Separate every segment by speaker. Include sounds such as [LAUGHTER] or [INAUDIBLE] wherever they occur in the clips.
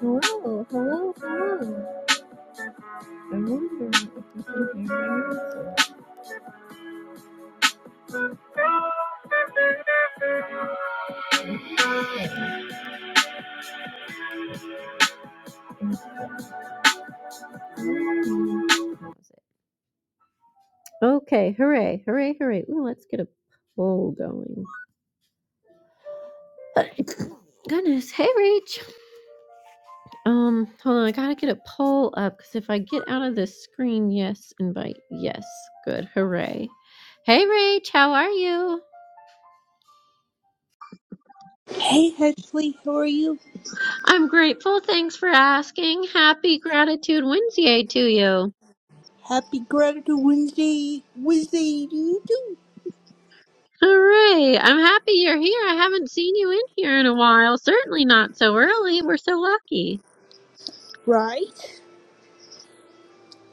Speaker 1: Hello, hello, hello. I wonder if you can hear me. Okay, hooray, hooray, hooray. Ooh, let's get a poll going. [LAUGHS] Goodness, hey Rach. Um, hold on, I gotta get a poll up because if I get out of this screen, yes, invite, yes, good, hooray. Hey Rach, how are you?
Speaker 2: Hey Ashley, how are you?
Speaker 1: I'm grateful, thanks for asking. Happy Gratitude Wednesday to you.
Speaker 2: Happy Gratitude Wednesday, Wednesday to you do,
Speaker 1: Hooray! right. I'm happy you're here. I haven't seen you in here in a while. Certainly not so early. We're so lucky.
Speaker 2: right?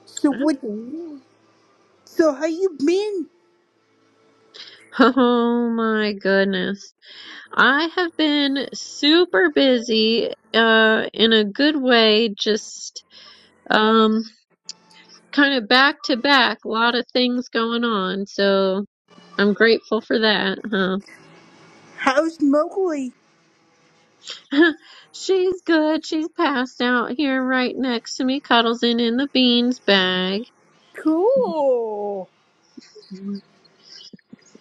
Speaker 2: So what?
Speaker 1: Absolutely. [LAUGHS]
Speaker 2: So how you been?
Speaker 1: Oh my goodness. I have been super busy, uh, in a good way, just, um, kind of back to back, a lot of things going on. So I'm grateful for that, huh?
Speaker 2: How's Mowgli?
Speaker 1: [LAUGHS] She's good. She's passed out here right next to me, cuddles in in the beans bag.
Speaker 2: Cool.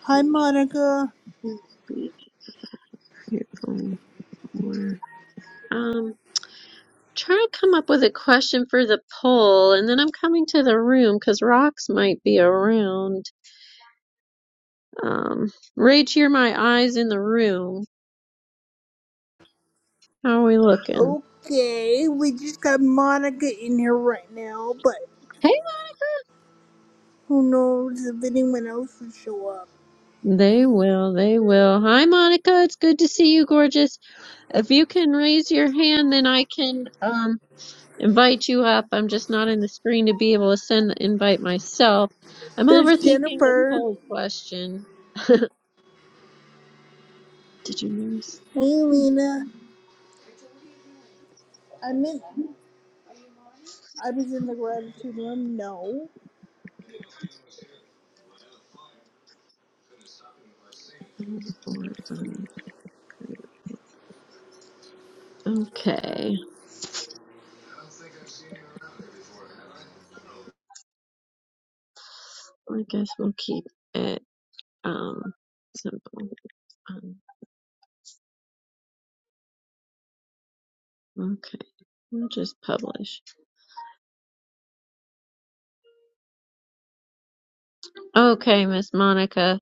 Speaker 2: Hi Monica.
Speaker 1: Beautiful. Um, trying to come up with a question for the poll, and then I'm coming to the room because rocks might be around. Um, Rach, you're my eyes in the room. How are we looking?
Speaker 2: Okay, we just got Monica in here right now, but
Speaker 1: Hey,
Speaker 2: who knows if anyone else will show up.
Speaker 1: they will, they will. Hi, Monica. It's good to see you, gorgeous. If you can raise your hand, then I can um invite you up. I'm just not in the screen to be able to send the invite myself. I'm
Speaker 2: There's
Speaker 1: overthinking this
Speaker 2: Jennifer.
Speaker 1: whole question. Did you notice?
Speaker 2: Hey Lena. I mean, I was in the gratitude room. No.
Speaker 1: Okay. I guess we'll keep it um simple. Um, okay. We'll just publish. Okay, Miss Monica.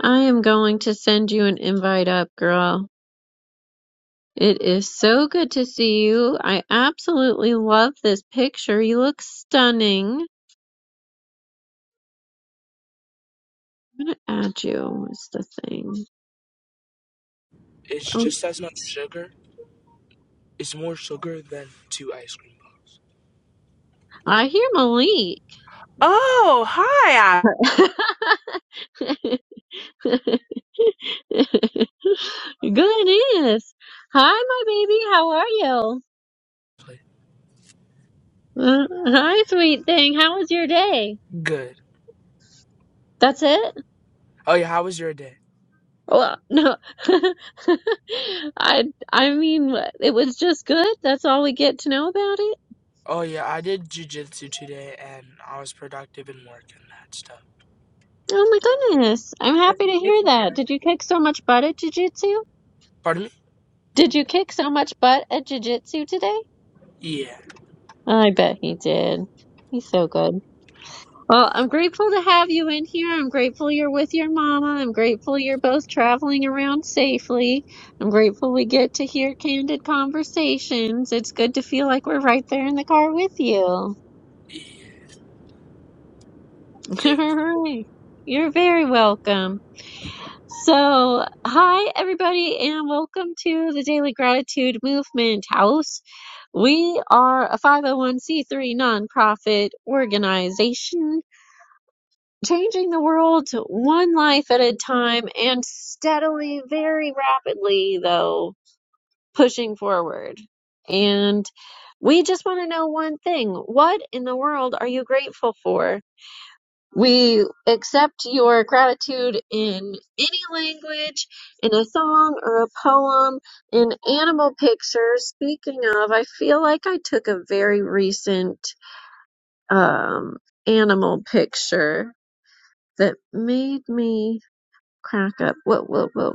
Speaker 1: I am going to send you an invite up, girl. It is so good to see you. I absolutely love this picture. You look stunning. I'm gonna add you is the thing.
Speaker 3: It's
Speaker 1: Oh,
Speaker 3: just as much sugar. It's more sugar than two ice cream balls. Yeah.
Speaker 1: I hear
Speaker 3: Oh, hi.
Speaker 1: Malik. [LAUGHS] [LAUGHS] Goodness. Hi, my baby. How are you? Uh, hi, sweet thing. How was your day?
Speaker 3: Good.
Speaker 1: That's it?
Speaker 3: Oh yeah, how was your day?
Speaker 1: Well, no. [LAUGHS] I I mean, it was just good. That's all we get to know about it.
Speaker 3: Oh yeah, I did jujitsu today and I was productive in work and that stuff.
Speaker 1: Oh my goodness. I'm
Speaker 3: What are
Speaker 1: happy
Speaker 3: you
Speaker 1: to hear
Speaker 3: grateful for?
Speaker 1: that. Did you kick so much butt at jiu-jitsu?
Speaker 3: Pardon me?
Speaker 1: Did you kick so much butt at jiu-jitsu today?
Speaker 3: Yeah.
Speaker 1: I bet he did. He's so good. Well, I'm grateful to have you in here. I'm grateful you're with your mama. I'm grateful you're both traveling around safely. I'm grateful we get to hear candid conversations. It's good to feel like we're right there in the car with you. [LAUGHS] All
Speaker 3: Yeah. Thank you.
Speaker 1: right. You're very welcome. So, hi everybody and welcome to the Daily Gratitude Movement House. We are a 501c3 nonprofit organization changing the world to one life at a time and steadily, very rapidly, though, pushing forward. And we just want to know one thing. What in the world are you grateful for? We accept your gratitude in any language, in a song or a poem, in animal pictures. Speaking of, I feel like I took a very recent um, animal picture that made me crack up. Whoa, whoa, whoa.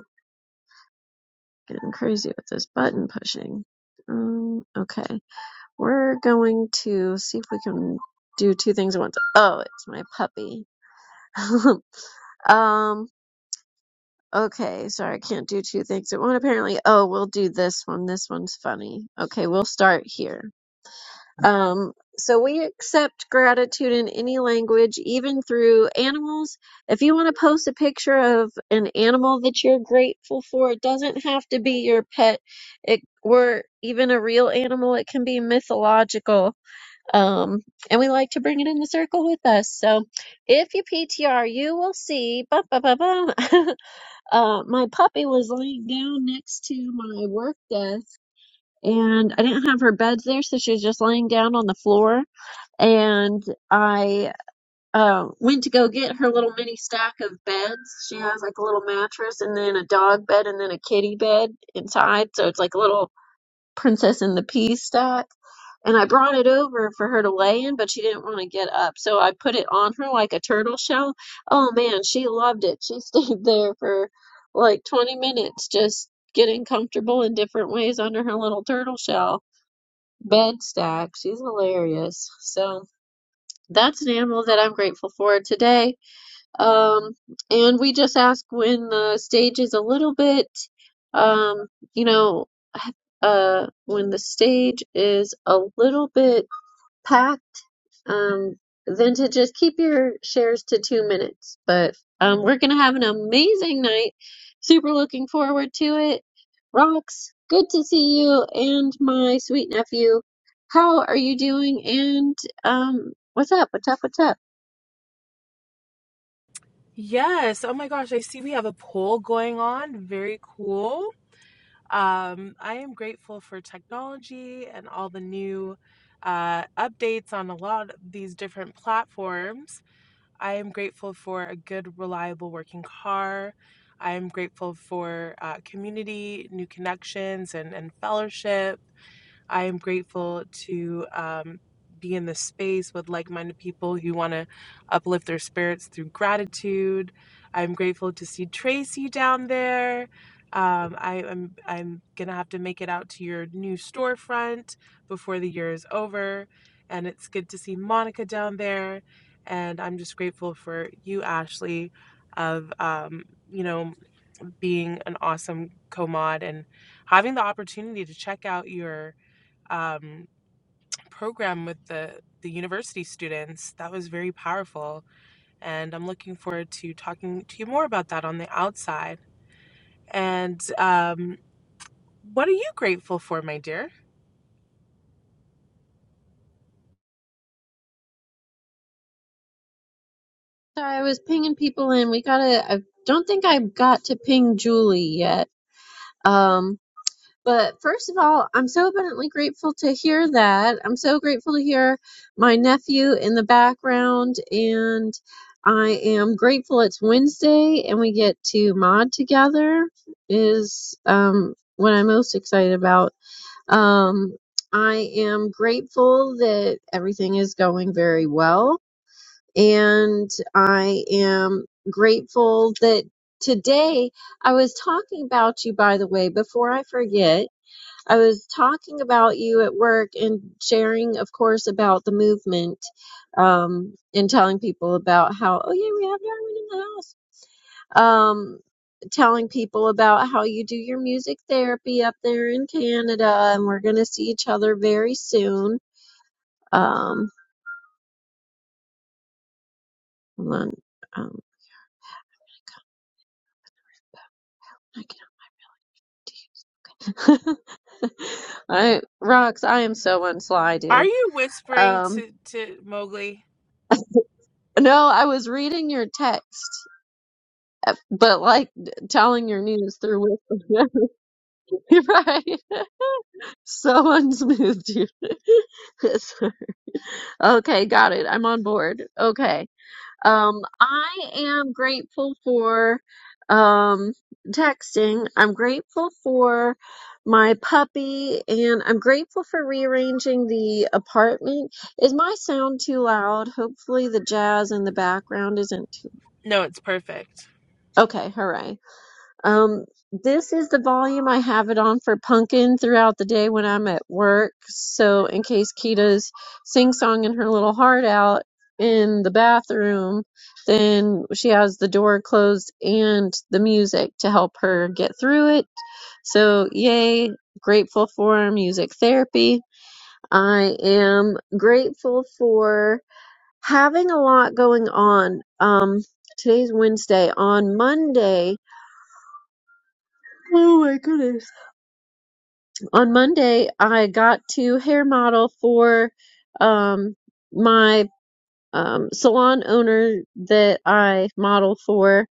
Speaker 1: Getting crazy with this button pushing. Um, okay. We're going to see if we can do two things at once. Oh, it's my puppy. [LAUGHS] um, okay. Sorry, I can't do two things at once apparently. Oh, we'll do this one. This one's funny. Okay, we'll start here. Um, so we accept gratitude in any language, even through animals. If you want to post a picture of an animal that you're grateful for, it doesn't have to be your pet, it or even a real animal. It can be mythological. Um, and we like to bring it in the circle with us. So if you PTR, you will see. Ba ba ba ba. [LAUGHS] uh, my puppy was laying down next to my work desk, and I didn't have her beds there, so she was just laying down on the floor and I uh, went to go get her little mini stack of beds. She has like a little mattress and then a dog bed and then a kitty bed inside. So it's like a little princess in the pea stack. And I brought it over for her to lay in, but she didn't want to get up. So I put it on her like a turtle shell. Oh man, she loved it. She [LAUGHS] stayed there for like 20 minutes just getting comfortable in different ways under her little turtle shell bed stack. She's hilarious. So that's an animal that I'm grateful for today. Um, and we just ask when the stage is a little bit, um, you know, uh, when the stage is a little bit packed, um, then to just keep your shares to two minutes. But um, we're going to have an amazing night. Super looking forward to it. Rocks, good to see you and my sweet nephew. How are you doing? And um, what's up? What's up? What's up?
Speaker 3: Yes. Oh my gosh. I see we have a poll going on. Very cool. Um, I am grateful for technology and all the new uh, updates on a lot of these different platforms. I am grateful for a good, reliable working car. I am grateful for uh, community, new connections, and, and fellowship. I am grateful to um, be in this space with like minded people who want to uplift their spirits through gratitude. I'm grateful to see Tracy down there. Um, I, am I'm I'm gonna have to make it out to your new storefront before the year is over, and it's good to see Monica down there. And I'm just grateful for you, Ashley, of um, you know being an awesome co-mod and having the opportunity to check out your um, program with the the university students. That was very powerful, and I'm looking forward to talking to you more about that on the outside. And um, what are you grateful for, my dear?
Speaker 1: Sorry, I was pinging people in. We gotta. I don't think I got to ping Julie yet. Um, But first of all, I'm so abundantly grateful to hear that. I'm so grateful to hear my nephew in the background, and I am grateful it's Wednesday and we get to mod together is um, what I'm most excited about. Um, I am grateful that everything is going very well, and I am grateful that today I was talking about you, by the way, before I forget I was talking about you at work and sharing, of course, about the movement, um, and telling people about how, oh yeah, we have Darwin in the house. Um, telling people about how you do your music therapy up there in Canada, and we're gonna see each other very soon. Um, hold on, um, I can't. do it. [LAUGHS] I Rox, I am so unSly,
Speaker 3: Are
Speaker 1: dude.
Speaker 3: you whispering
Speaker 1: Um,
Speaker 3: to to Mowgli?
Speaker 1: no, I was reading your text But like telling your news through with [LAUGHS] right? Someone's moved you. [LAUGHS] Okay, got it. I'm on board. Okay. Um, I am grateful for um texting. I'm grateful for my puppy and I'm grateful for rearranging the apartment. Is my sound too loud? Hopefully the jazz in the background isn't too.
Speaker 3: No, it's perfect.
Speaker 1: Okay, hooray. Um, this is the volume I have it on for Pumpkin throughout the day when I'm at work. So in case Kita's sing songing her little heart out in the bathroom, then she has the door closed and the music to help her get through it. So yay, grateful for music therapy. I am grateful for having a lot going on. Um, today's Wednesday. On Monday, oh my goodness. on Monday, I got to hair model for um, my um, salon owner that I model for.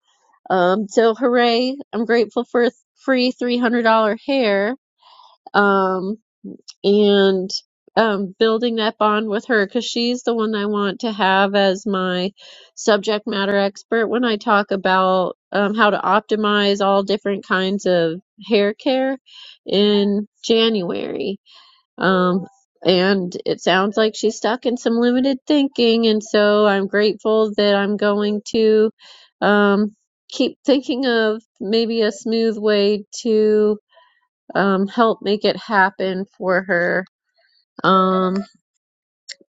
Speaker 1: Um, so hooray! I'm grateful for a free $300 hair um, and um, building that bond with her because she's the one I want to have as my subject matter expert when I talk about um, how to optimize all different kinds of hair care in January um, and it sounds like she's stuck in some limited thinking, and so I'm grateful that I'm going to um, keep thinking of maybe a smooth way to um, help make it happen for her. Um,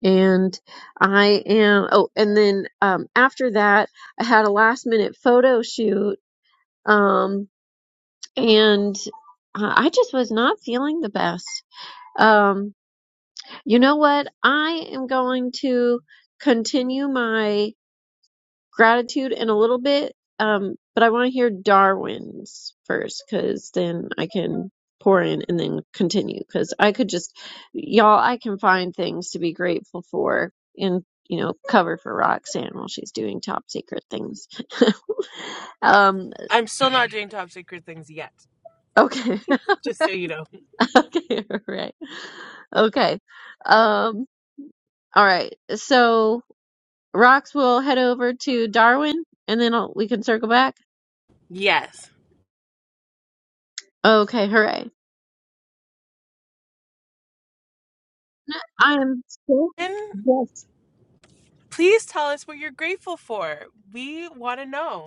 Speaker 1: and I am, oh, and then um, after that, I had a last minute photo shoot, um, and I I just was not feeling the best. Um, You know what? I am going to continue my gratitude in a little bit, um, but I want to hear Darwin's first because then I can pour in and then continue because I could just, y'all, I can find things to be grateful for and, you know, cover for Roxanne while she's doing top secret things. [LAUGHS] um,
Speaker 3: I'm still not [LAUGHS] doing top secret things yet.
Speaker 1: okay. [LAUGHS]
Speaker 3: Just so you know.
Speaker 1: okay. All right. Okay. Um, all right. So. Rox will head over to Darwin and then I'll, we can circle back.
Speaker 3: Yes.
Speaker 1: Okay, hooray. I am so
Speaker 3: And
Speaker 1: yes.
Speaker 3: please tell us what you're grateful for. We want to know.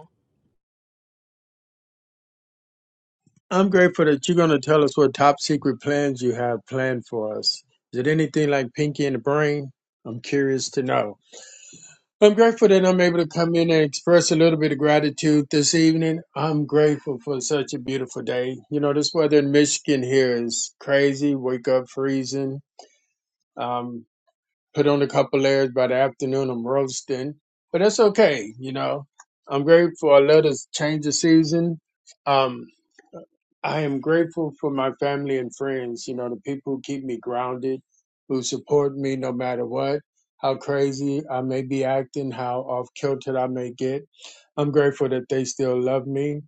Speaker 4: I'm grateful that you're going to tell us what top secret plans you have planned for us. Is it anything like Pinky and the Brain? I'm curious to know. I'm grateful that I'm able to come in and express a little bit of gratitude this evening. I'm grateful for such a beautiful day. You know, this weather in Michigan here is crazy. Wake up freezing. Um, put on a couple layers by the afternoon. I'm roasting, but that's okay. You know, I'm grateful. I love this change of season. Um, I am grateful for my family and friends, you know, the people who keep me grounded, who support me no matter what, how crazy I may be acting, how off kilter I may get. I'm grateful that they still love me.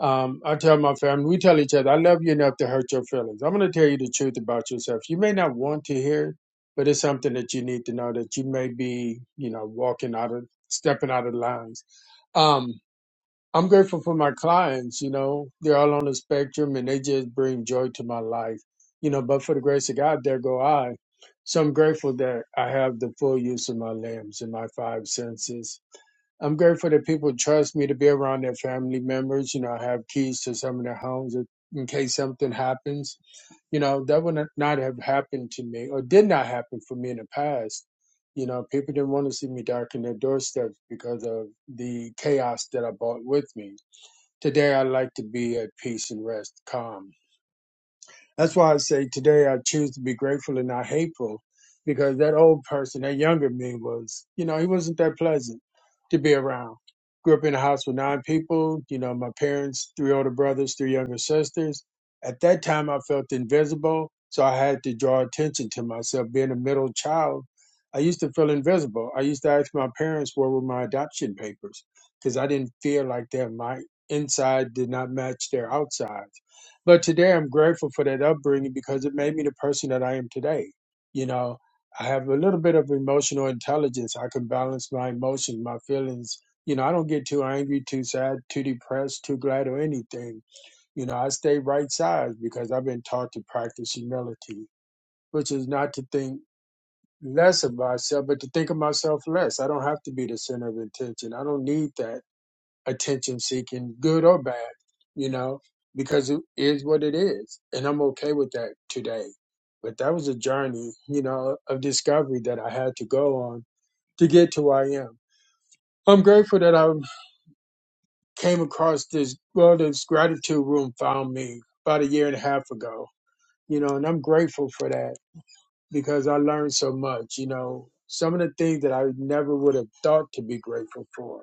Speaker 4: Um, I tell my family, we tell each other, I love you enough to hurt your feelings. I'm going to tell you the truth about yourself. You may not want to hear it, but it's something that you need to know that you may be, you know, walking out of, stepping out of lines. Um, I'm grateful for my clients, you know, they're all on the spectrum and they just bring joy to my life, you know, but for the grace of God, there go I. So I'm grateful that I have the full use of my limbs and my five senses. I'm grateful that people trust me to be around their family members. You know, I have keys to some of their homes if- in case something happens. You know, that would not have happened to me or did not happen for me in the past. You know, people didn't want to see me darken their doorsteps because of the chaos that I brought with me Today I like to be at peace and rest, calm. That's why I say today I choose to be grateful and not hateful, because that old person, that younger me, was, you know, he wasn't that pleasant to be around. Grew up in a house with nine people, you know, my parents, three older brothers, three younger sisters. At that time, I felt invisible, so I had to draw attention to myself. Being a middle child, I used to feel invisible. I used to ask my parents where were my adoption papers, because I didn't feel like that. My inside did not match their outside. But today I'm grateful for that upbringing because it made me the person that I am today. You know, I have a little bit of emotional intelligence. I can balance my emotions, my feelings. You know, I don't get too angry, too sad, too depressed, too glad, or anything. You know, I stay right size because I've been taught to practice humility, which is not to think less of myself, but to think of myself less. I don't have to be the center of attention. I don't need that attention seeking, good or bad, you know, because it is what it is. And I'm okay with that today. But that was a journey, you know, of discovery that I had to go on to get to where I am. I'm grateful that I came across this, well, this gratitude room found me about a year and a half ago, you know, and I'm grateful for that because I learned so much, you know, some of the things that I never would have thought to be grateful for,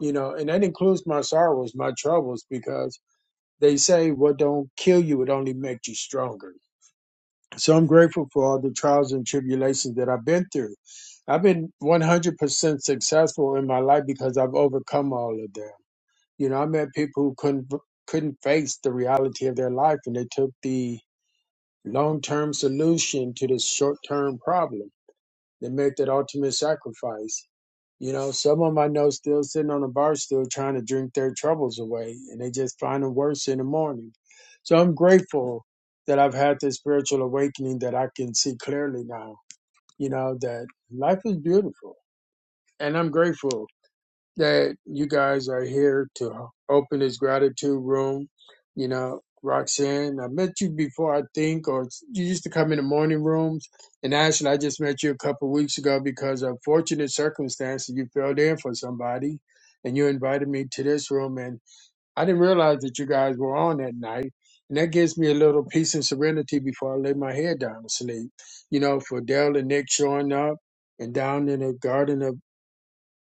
Speaker 4: you know, and that includes my sorrows, my troubles, because They say what don't kill you, it only makes you stronger. So I'm grateful for all the trials and tribulations that I've been through. I've been 100% successful in my life because I've overcome all of them. You know, I met people who couldn't couldn't face the reality of their life, and they took the long-term solution to this short-term problem that make that ultimate sacrifice. You know, some of 'em I know still sitting on a bar stool trying to drink their troubles away, and they just find them worse in the morning. So I'm grateful that I've had this spiritual awakening that I can see clearly now. You know that life is beautiful, and I'm grateful that you guys are here to open this gratitude room. You know, Roxanne, I met you before, I think, or you used to come in the morning rooms. And Ashley, I just met you a couple of weeks ago because of fortunate circumstances, you filled in for somebody and you invited me to this room. And I didn't realize that you guys were on that night. And that gives me a little peace and serenity before I lay my head down to sleep. You know, for Dale and Nick showing up and down in the garden of.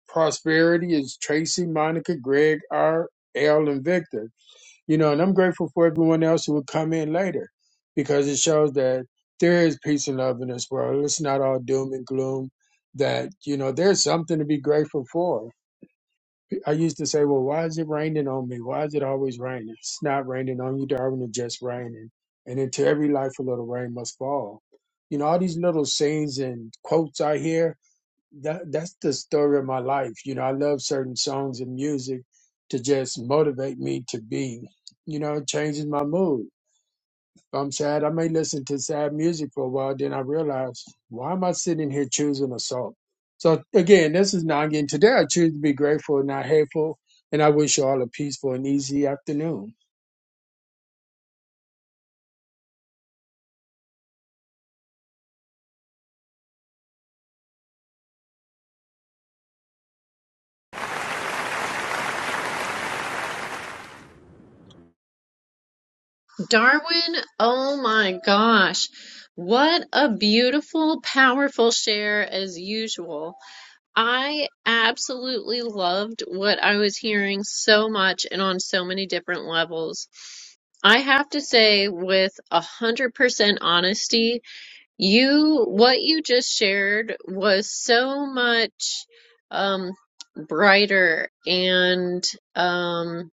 Speaker 4: Prosperity is Tracy, Monica, Greg, R, L, and Victor. You know, and I'm grateful for everyone else who will come in later because it shows that there is peace and love in this world. It's not all doom and gloom. That, you know, there's something to be grateful for. I used to say, well, why is it raining on me? Why is it always raining? It's not raining on you, Darwin, it's just raining. And into every life, a little rain must fall. You know, all these little sayings and quotes I hear, that that's the story of my life. You know, I love certain songs and music to just motivate me to be. You know, it changes my mood. If I'm sad, I may listen to sad music for a while. Then I realize, why am I sitting here choosing a song? So again, this is Nagin. Today, I choose to be grateful and not hateful, and I wish you all a peaceful and easy afternoon.
Speaker 1: Darwin, oh my gosh. What a beautiful, powerful share as usual. I absolutely loved what I was hearing so much and on so many different levels. I have to say with a hundred percent honesty You, what you just shared was so much um, brighter and um,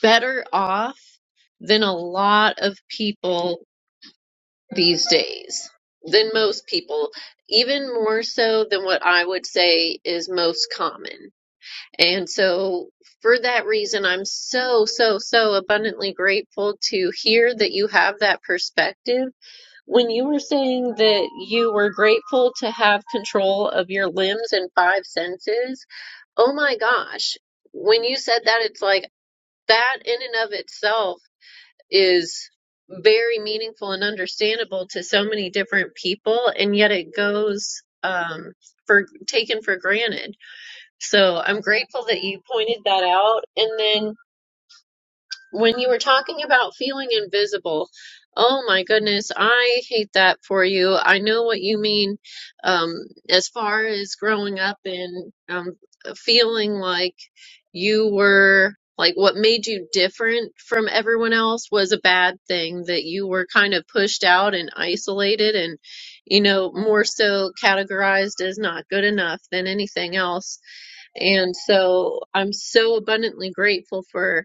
Speaker 1: better off than a lot of people these days, than most people, even more so than what I would say is most common. And so, for that reason, I'm so, so, so abundantly grateful to hear that you have that perspective When you were saying that you were grateful to have control of your limbs and five senses, oh my gosh. When you said that, it's like that in and of itself is very meaningful and understandable to so many different people, and yet it goes um, for taken for granted. So I'm grateful that you pointed that out. And then when you were talking about feeling invisible, oh my goodness, I hate that for you. I know what you mean um, as far as growing up and um, feeling like you were, like what made you different from everyone else was a bad thing, that you were kind of pushed out and isolated and, you know, more so categorized as not good enough than anything else. And so I'm so abundantly grateful for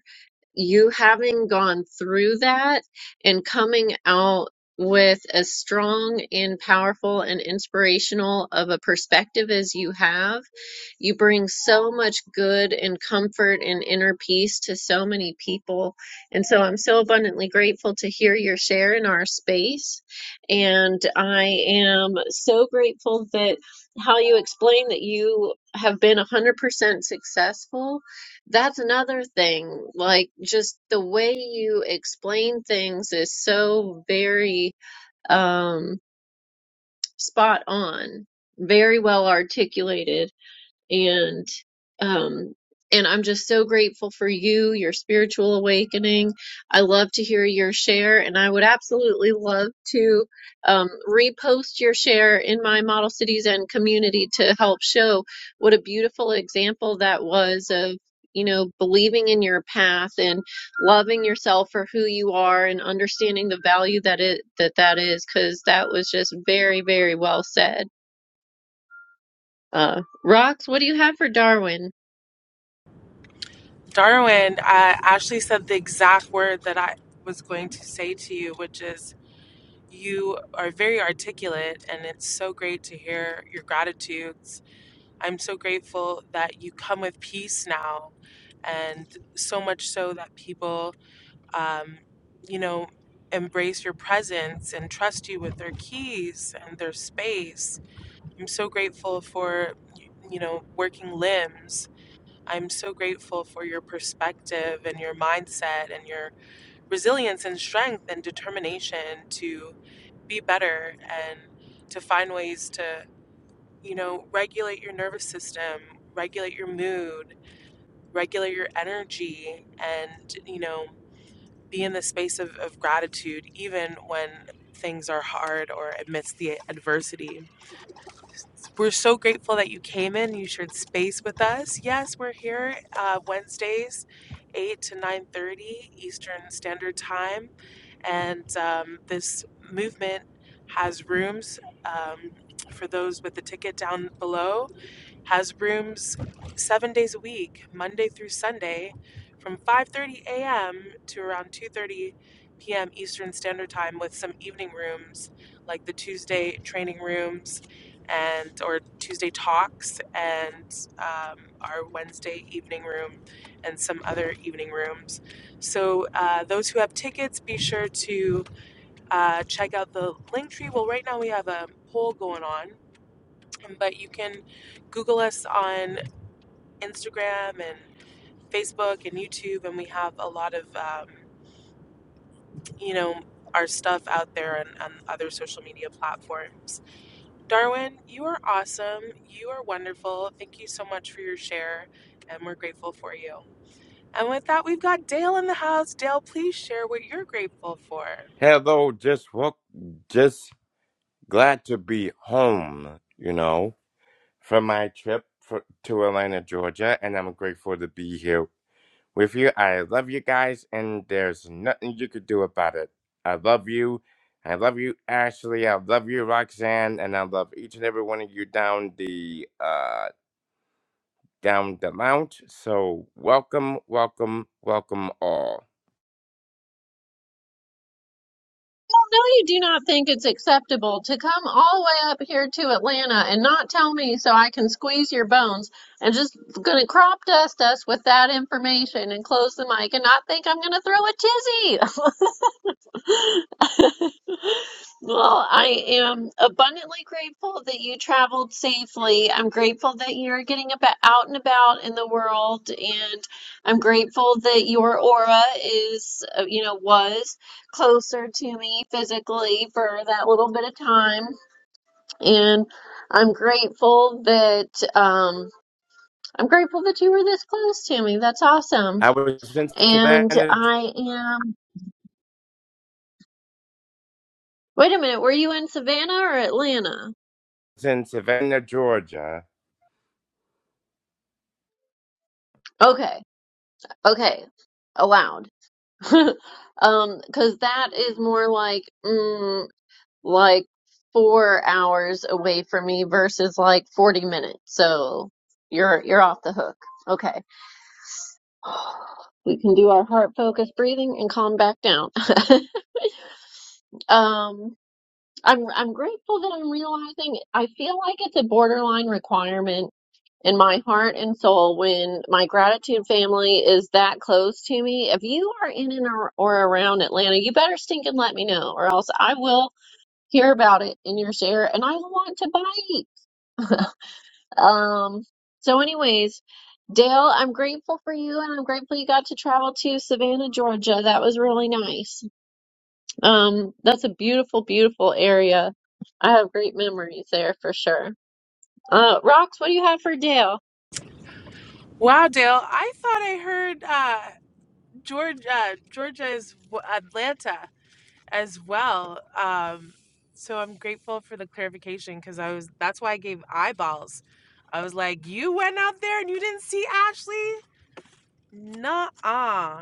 Speaker 1: you having gone through that and coming out with as strong and powerful and inspirational of a perspective as you have you bring so much good and comfort and inner peace to so many people. And so I'm so abundantly grateful to hear your share in our space. And I am so grateful that how you explain that you have been 100% successful. That's another thing. Like, just the way you explain things is so very um, spot on, very well articulated and um and I'm just so grateful for you, your spiritual awakening. I love to hear your share, and I would absolutely love to um, repost your share in my Model Cities and community to help show what a beautiful example that was of, you know, believing in your path and loving yourself for who you are and understanding the value that it that that is, because that was just very, very well said. Uh, Rox, what do you have for Darwin?
Speaker 3: Darwin, uh, Ashley said the exact word that I was going to say to you, which is you are very articulate, and it's so great to hear your gratitudes. I'm so grateful that you come with peace now, and so much so that people, um, you know, embrace your presence and trust you with their keys and their space. I'm so grateful for, you know, working limbs I'm so grateful for your perspective and your mindset and your resilience and strength and determination to be better and to find ways to, you know, regulate your nervous system, regulate your mood, regulate your energy, and, you know, be in the space of, of gratitude even when things are hard or amidst the adversity we're so grateful that you came in. You shared space with us. Yes, we're here uh, Wednesdays, eight to nine thirty Eastern Standard Time, and um, this movement has rooms um, for those with the ticket down below has rooms seven days a week, Monday through Sunday, from 5:30 a.m. to around 2:30 p.m. Eastern Standard Time, with some evening rooms like the Tuesday training rooms and or Tuesday talks and um, our Wednesday evening room and some other evening rooms. So uh, those who have tickets, be sure to uh, check out the link tree. Well, right now we have a poll going on, but you can Google us on Instagram and Facebook and YouTube, and we have a lot of, um, you know, our stuff out there and on other social media platforms. Darwin, you are awesome. You are wonderful. Thank you so much for your share, and we're grateful for you. And with that, we've got Dale in the house. Dale, please share what you're grateful for.
Speaker 5: Hello, just woke, just glad to be home, you know, from my trip for, to Atlanta, Georgia, and I'm grateful to be here with you. I love you guys, and there's nothing you could do about it. I love you. I love you, Ashley. I love you, Roxanne, and I love each and every one of you down the uh down the lounge. So welcome, welcome, welcome all.
Speaker 1: No, you do not think it's acceptable to come all the way up here to Atlanta and not tell me so I can squeeze your bones and just gonna crop dust us with that information and close the mic and not think I'm gonna throw a tizzy. [LAUGHS] Well, I am abundantly grateful that you traveled safely. I'm grateful that you're getting about out and about in the world, and I'm grateful that your aura is, uh, you know, was closer to me physically for that little bit of time. And I'm grateful that um, I'm grateful that you were this close to me. That's awesome.
Speaker 5: I was in
Speaker 1: And
Speaker 5: Savannah,
Speaker 1: I am. Wait a minute, were you in Savannah or Atlanta?
Speaker 5: in Savannah, Georgia
Speaker 1: Okay, okay, allowed. [LAUGHS] Um, 'cause that is more like mm, like four hours away from me versus like 40 minutes. So you're you're off the hook. Okay. [SIGHS] We can do our heart focused breathing and calm back down. [LAUGHS] Um, I'm I'm grateful that I'm realizing I feel like it's a borderline requirement in my heart and soul when my gratitude family is that close to me. If you are in and ar- or around Atlanta, you better stink and let me know, or else I will hear about it in your share and I want to bite. Um, so, anyways, Dale, I'm grateful for you and I'm grateful you got to travel to Savannah, Georgia. That was really nice. Um, that's a beautiful, beautiful area. I have great memories there for sure. Uh, Rox, what do you have for Dale?
Speaker 3: Wow, Dale, I thought I heard uh, Georgia, Georgia is w- Atlanta. as well. Um, so I'm grateful for the clarification because I was that's why I gave eyeballs. I was like, you went out there and you didn't see Ashley? Nuh-uh.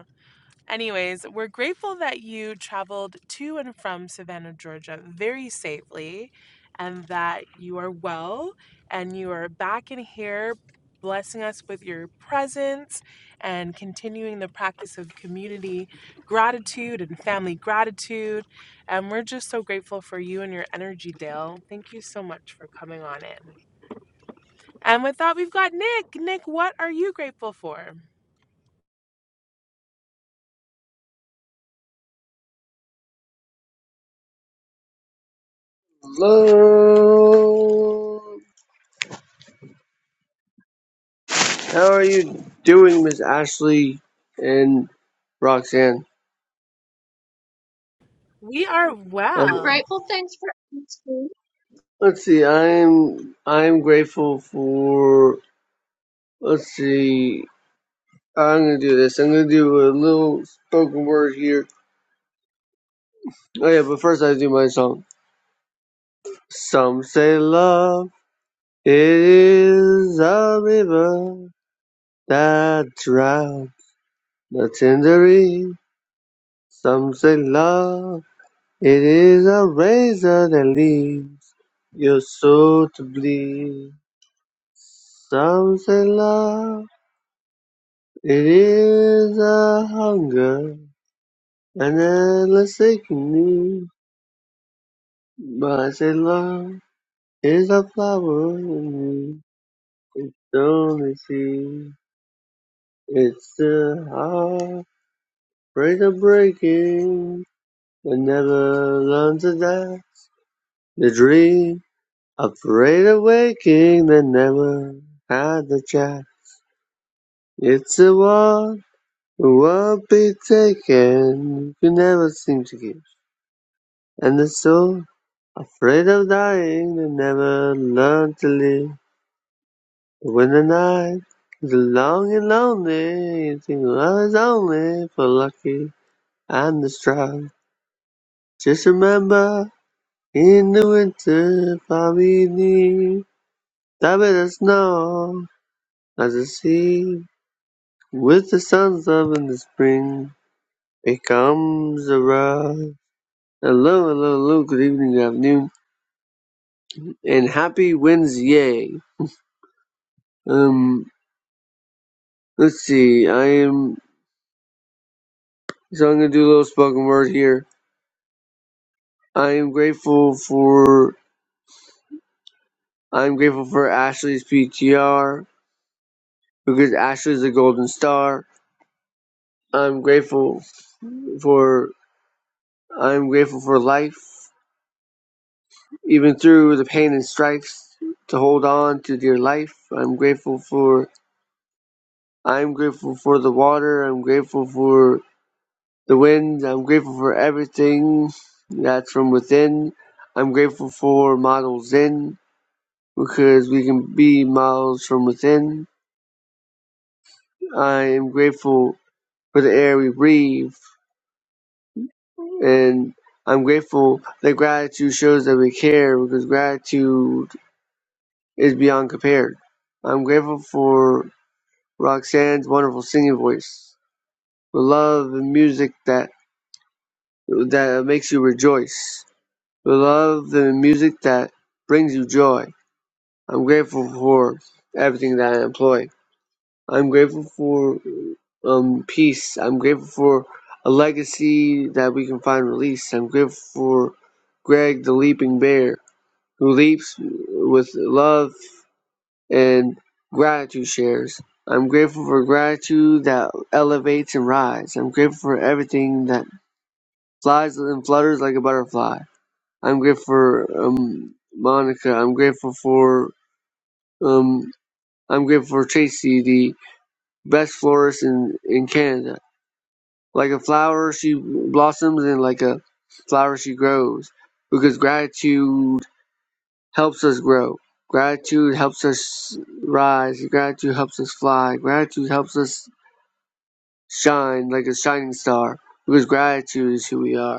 Speaker 3: Anyways, we're grateful that you traveled to and from Savannah, Georgia very safely and that you are well and you are back in here blessing us with your presence and continuing the practice of community gratitude and family gratitude. And we're just so grateful for you and your energy, Dale. Thank you so much for coming on in. And with that, we've got Nick. Nick, what are you grateful for?
Speaker 6: Hello. How are you doing, Miss Ashley and Roxanne?
Speaker 3: We are
Speaker 6: Um,
Speaker 1: I'm
Speaker 3: well.
Speaker 1: grateful. Thanks for asking.
Speaker 6: let's see. I'm I'm grateful for. Let's see. I'm gonna do this. I'm gonna do a little spoken word here. Oh yeah, but first I do my song. Some say love is a river that drowns the tender reed. Some say love. It is a razor that leaves your soul to bleed. Some say love, it is a hunger, an endless aching need. But I say love is a flower in me. It's only seed. It's a heart, break a breaking, that never learns to die. The dream. Afraid of waking that never had a child. It's a war who won't be taken, who never seem to give. And the soul, afraid of dying, that never learned to live. But when the night is long and lonely, you think love is only for lucky and the strong. Just remember, in the winter, family, that bit of snow as a sea. With the suns up in the spring, it comes a rush. Hello, hello, hello, good evening, good afternoon, and happy Wednesday. Um, let's see, I am, so I'm gonna do a little spoken word here. I am grateful for, I'm grateful for Ashley's PTR, because Ashley's a golden star. I'm grateful for, I'm grateful for life, even through the pain and strikes, to hold on to dear life. I'm grateful for I'm grateful for the water. I'm grateful for the wind. I'm grateful for everything that's from within. I'm grateful for Model in because we can be models from within. I am grateful for the air we breathe and I'm grateful that gratitude shows that we care because gratitude is beyond compared. I'm grateful for Roxanne's wonderful singing voice, the love and music that that makes you rejoice. We Love the music that brings you joy. I'm grateful for everything that I employ. I'm grateful for um, peace. I'm grateful for a legacy that we can find release. I'm grateful for Greg the Leaping Bear, who leaps with love and gratitude shares. I'm grateful for gratitude that elevates and rises. I'm grateful for everything that flies and flutters like a butterfly. I'm grateful for um, Monica. I'm grateful for um, I'm grateful for Tracy, the best florist in, in Canada. Like a flower, she blossoms, and like a flower, she grows. Because gratitude helps us grow. Gratitude helps us rise. Gratitude helps us fly. Gratitude helps us shine like a shining star. Because gratitude is who we are.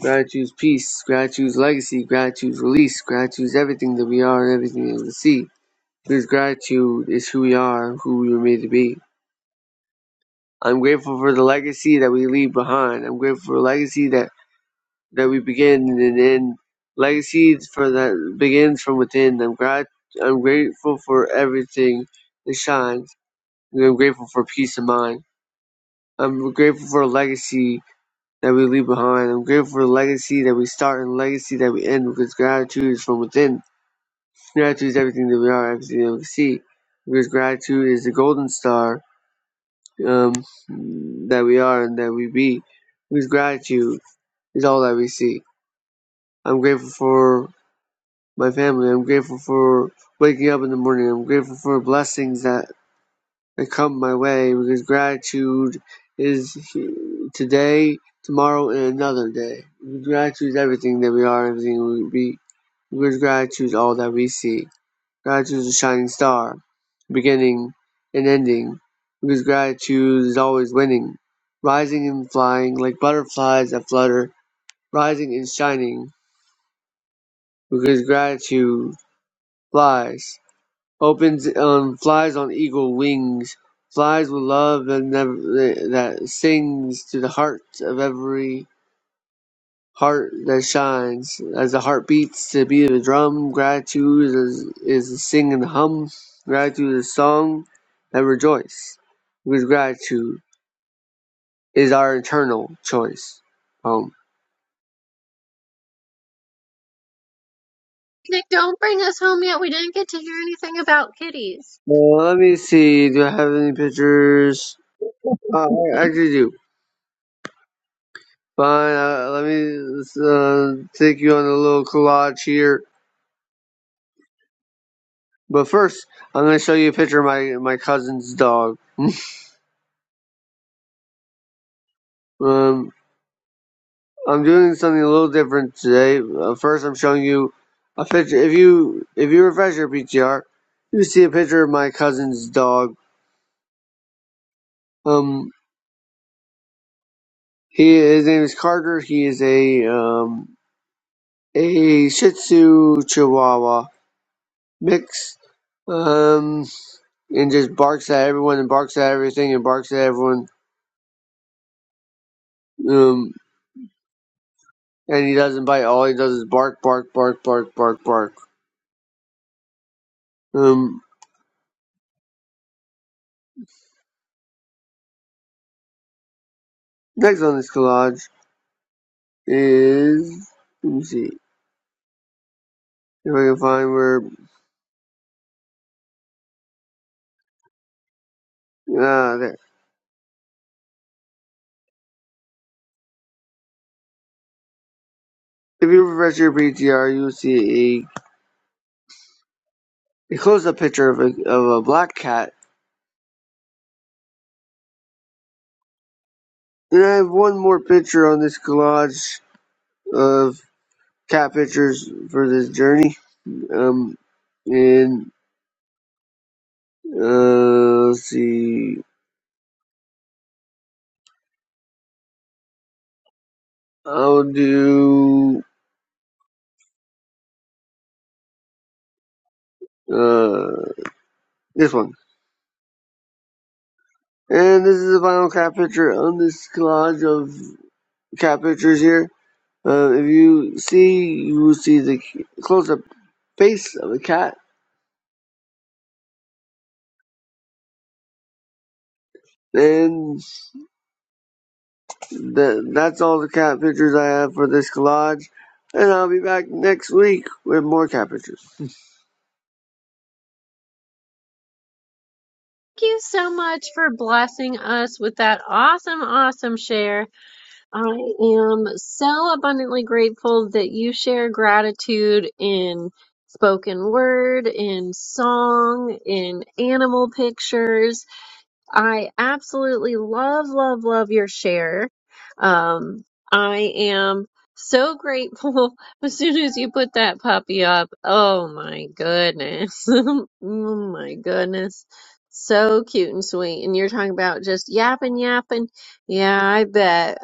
Speaker 6: Gratitude's peace, gratitude's legacy, gratitude's release, gratitude's everything that we are and everything that we see. Because gratitude is who we are and who we were made to be. I'm grateful for the legacy that we leave behind. I'm grateful for the legacy that, that we begin and end. Legacy for that begins from within. I'm grat- I'm grateful for everything that shines. I'm grateful for peace of mind. I'm grateful for a legacy that we leave behind. I'm grateful for the legacy that we start and the legacy that we end because gratitude is from within. Gratitude is everything that we are, everything that we see. Because gratitude is the golden star um, that we are and that we be. Because gratitude is all that we see. I'm grateful for my family. I'm grateful for waking up in the morning. I'm grateful for blessings that They come my way because gratitude is today, tomorrow, and another day. gratitude is everything that we are, everything we be. Because gratitude is all that we see. Gratitude is a shining star, beginning and ending. Because gratitude is always winning, rising and flying like butterflies that flutter, rising and shining. Because gratitude flies. Opens on flies on eagle wings, flies with love and never, that sings to the heart of every heart that shines. As the heart beats to the beat of the drum, gratitude is, is the sing and hum. Gratitude is song and rejoice. Because gratitude is our eternal choice. Home.
Speaker 1: Nick, don't bring us home yet. We didn't get to hear anything about kitties.
Speaker 6: Well, let me see. Do I have any pictures?
Speaker 1: Thank
Speaker 6: Uh, I actually do. Fine, uh, let me uh, take you on a little collage here. But first, I'm going to show you a picture of my, my cousin's dog. Um, I'm doing something a little different today. Uh, first, I'm showing you a picture. If you if you refresh your PTR, you see a picture of my cousin's dog. Um, he his name is Carter. He is a um a Shih Tzu Chihuahua mix. Um, and just barks at everyone and barks at everything and barks at everyone Um, and he doesn't bite. All he does is bark, bark, bark, bark, bark, bark. Um, next on this collage is let me see if I can find where ah there. If you refresh your PTR, you'll see a, a close-up picture of a of a black cat. And I have one more picture on this collage of cat pictures for this journey. Um, and uh, let's see, I'll do uh this one. And this is the final cat picture on this collage of cat pictures here. Uh, if you see, you will see the close-up face of a cat. And the, that's all the cat pictures I have for this collage. And I'll be back next week with more cat pictures.
Speaker 1: you so much for blessing us with that awesome, awesome share. I am so abundantly grateful that you share gratitude in spoken word, in song, in animal pictures I absolutely love, love, love your share. Um, I am so grateful [LAUGHS] as soon as you put that puppy up. Oh my goodness. [LAUGHS] oh my goodness. So cute and sweet. And you're talking about just yapping, yapping. Yeah, I bet.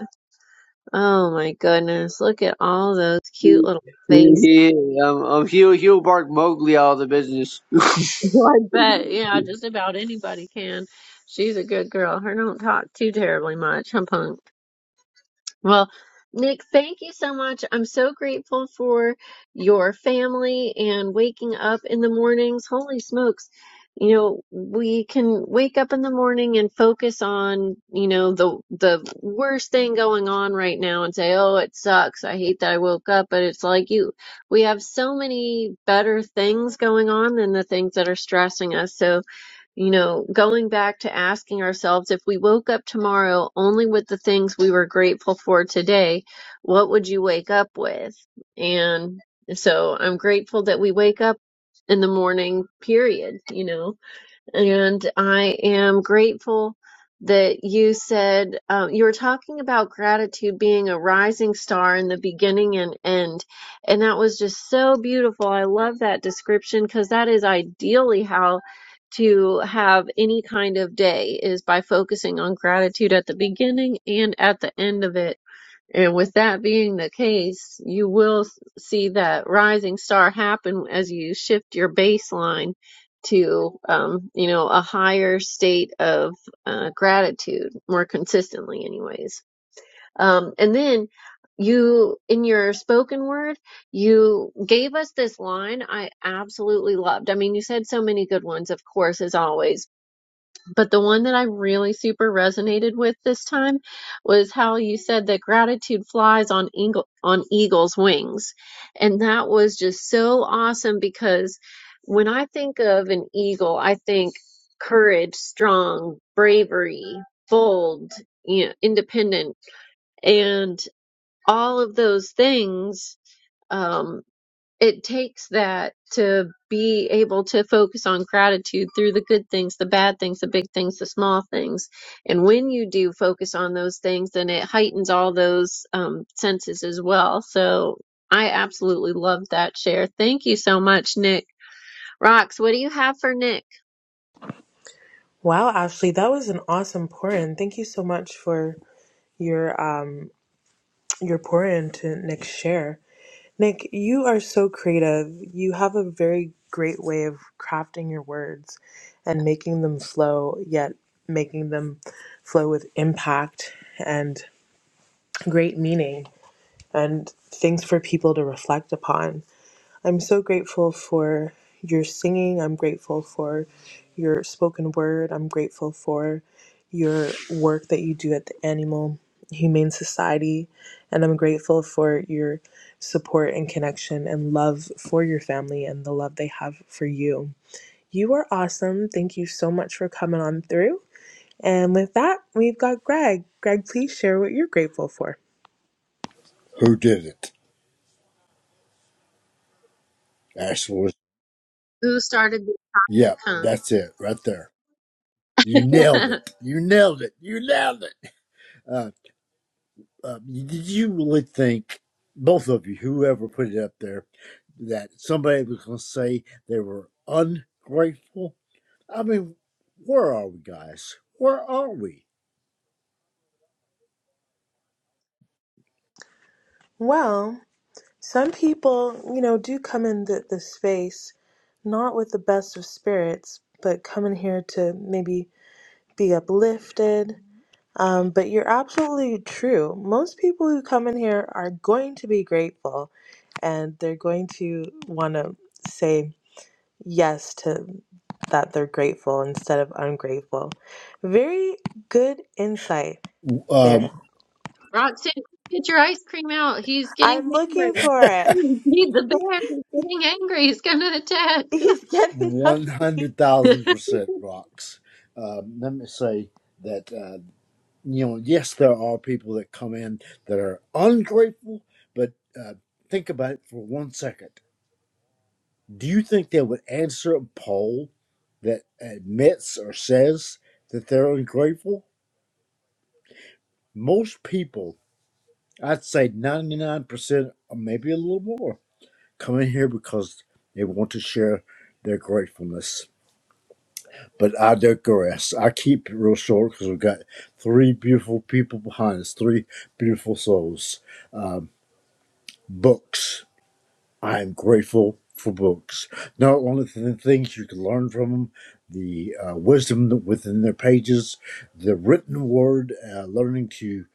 Speaker 1: Oh my goodness. Look at all those cute
Speaker 6: [LAUGHS]
Speaker 1: little faces.
Speaker 6: Yeah, I'm, I'm Hugh, Hugh Bark Mowgli out of the business.
Speaker 1: [LAUGHS]
Speaker 6: [LAUGHS]
Speaker 1: I bet. Yeah, just about anybody can. She's a good girl. Her don't talk too terribly much, huh, Punk? Well, Nick, thank you so much. I'm so grateful for your family and waking up in the mornings. Holy smokes. You know, we can wake up in the morning and focus on, you know, the the worst thing going on right now and say, "Oh, it sucks. I hate that I woke up." But it's like you we have so many better things going on than the things that are stressing us. So, you know, going back to asking ourselves if we woke up tomorrow only with the things we were grateful for today, what would you wake up with? And so I'm grateful that we wake up in the morning, period, you know. And I am grateful that you said uh, you were talking about gratitude being a rising star in the beginning and end. And that was just so beautiful. I love that description because that is ideally how to have any kind of day is by focusing on gratitude at the beginning and at the end of it and with that being the case, you will s- see that rising star happen as you shift your baseline to, um, you know, a higher state of uh, gratitude more consistently, anyways. Um, and then you, in your spoken word, you gave us this line I absolutely loved. I mean, you said so many good ones, of course, as always, but the one that I really super resonated with this time was how you said that gratitude flies on eagle, on eagle's wings. And that was just so awesome because when I think of an eagle, I think courage, strong, bravery, bold, you know, independent, and all of those things. Um, it takes that to be able to focus on gratitude through the good things, the bad things, the big things, the small things. And when you do focus on those things, then it heightens all those um, senses as well. So I absolutely love that share. Thank you so much, Nick. Rox, what do you have for Nick?
Speaker 3: Wow, Ashley, that was an awesome pour in. Thank you so much for your um your pour in to Nick's share. Nick, you are so creative. You have a very great way of crafting your words and making them flow, yet making them flow with impact and great meaning and things for people to reflect upon. I'm so grateful for your singing. I'm grateful for your spoken word. I'm grateful for your work that you do at the Animal Humane Society. And I'm grateful for your support and connection and love for your family and the love they have for you. You are awesome. Thank you so much for coming on through. And with that, we've got Greg. Greg, please share what you're grateful for.
Speaker 7: Who did it? Axel was.
Speaker 1: Who started this topic,
Speaker 7: Yep,
Speaker 1: huh?
Speaker 7: that's it right there. You nailed
Speaker 1: [LAUGHS]
Speaker 7: it. You nailed it. You nailed it. Uh, uh, did you really think, both of you, whoever put it up there, that somebody was going to say they were ungrateful? I mean, where are we, guys? Where are we?
Speaker 3: Well, Some people, you know, do come in the, the space not with the best of spirits, but come in here to maybe be uplifted. Um, but you're absolutely true. Most people who come in here are going to be grateful and they're going to want to say yes to that they're grateful instead of ungrateful. Very good insight, Bear.
Speaker 7: Um,
Speaker 1: Roxanne, get your ice cream out. He's getting
Speaker 3: I'm
Speaker 1: hangry.
Speaker 3: looking for it.
Speaker 1: [LAUGHS] He's the bear. He's getting angry. He's going to
Speaker 3: [LAUGHS] He's
Speaker 1: attack.
Speaker 3: getting hungry.
Speaker 1: [LAUGHS]
Speaker 7: 100,000% rocks. Um, let me say that. uh, you know, yes, there are people that come in that are ungrateful, but uh, think about it for one second. Do you think they would answer a poll that admits or says that they're ungrateful? Most people, I'd say 99% or maybe a little more, come in here because they want to share their gratefulness. But I digress. I keep it real short because we've got three beautiful people behind us, three beautiful souls. Um, books. I am grateful for books. Not only for the things you can learn from them, the uh, wisdom within their pages, the written word, uh, learning to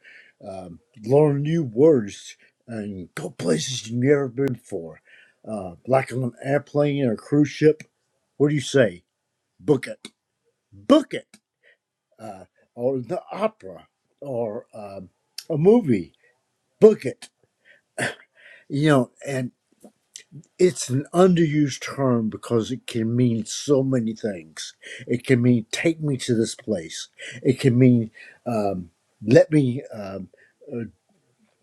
Speaker 7: um, learn new words and go places you've never been before, uh, like on an airplane or a cruise ship. What do you say? Book it. Book it. Uh, or the opera or um a movie. Book it. You know, and. it's an underused term because it can mean so many things. It can mean take me to this place. It can mean um, let me um, uh,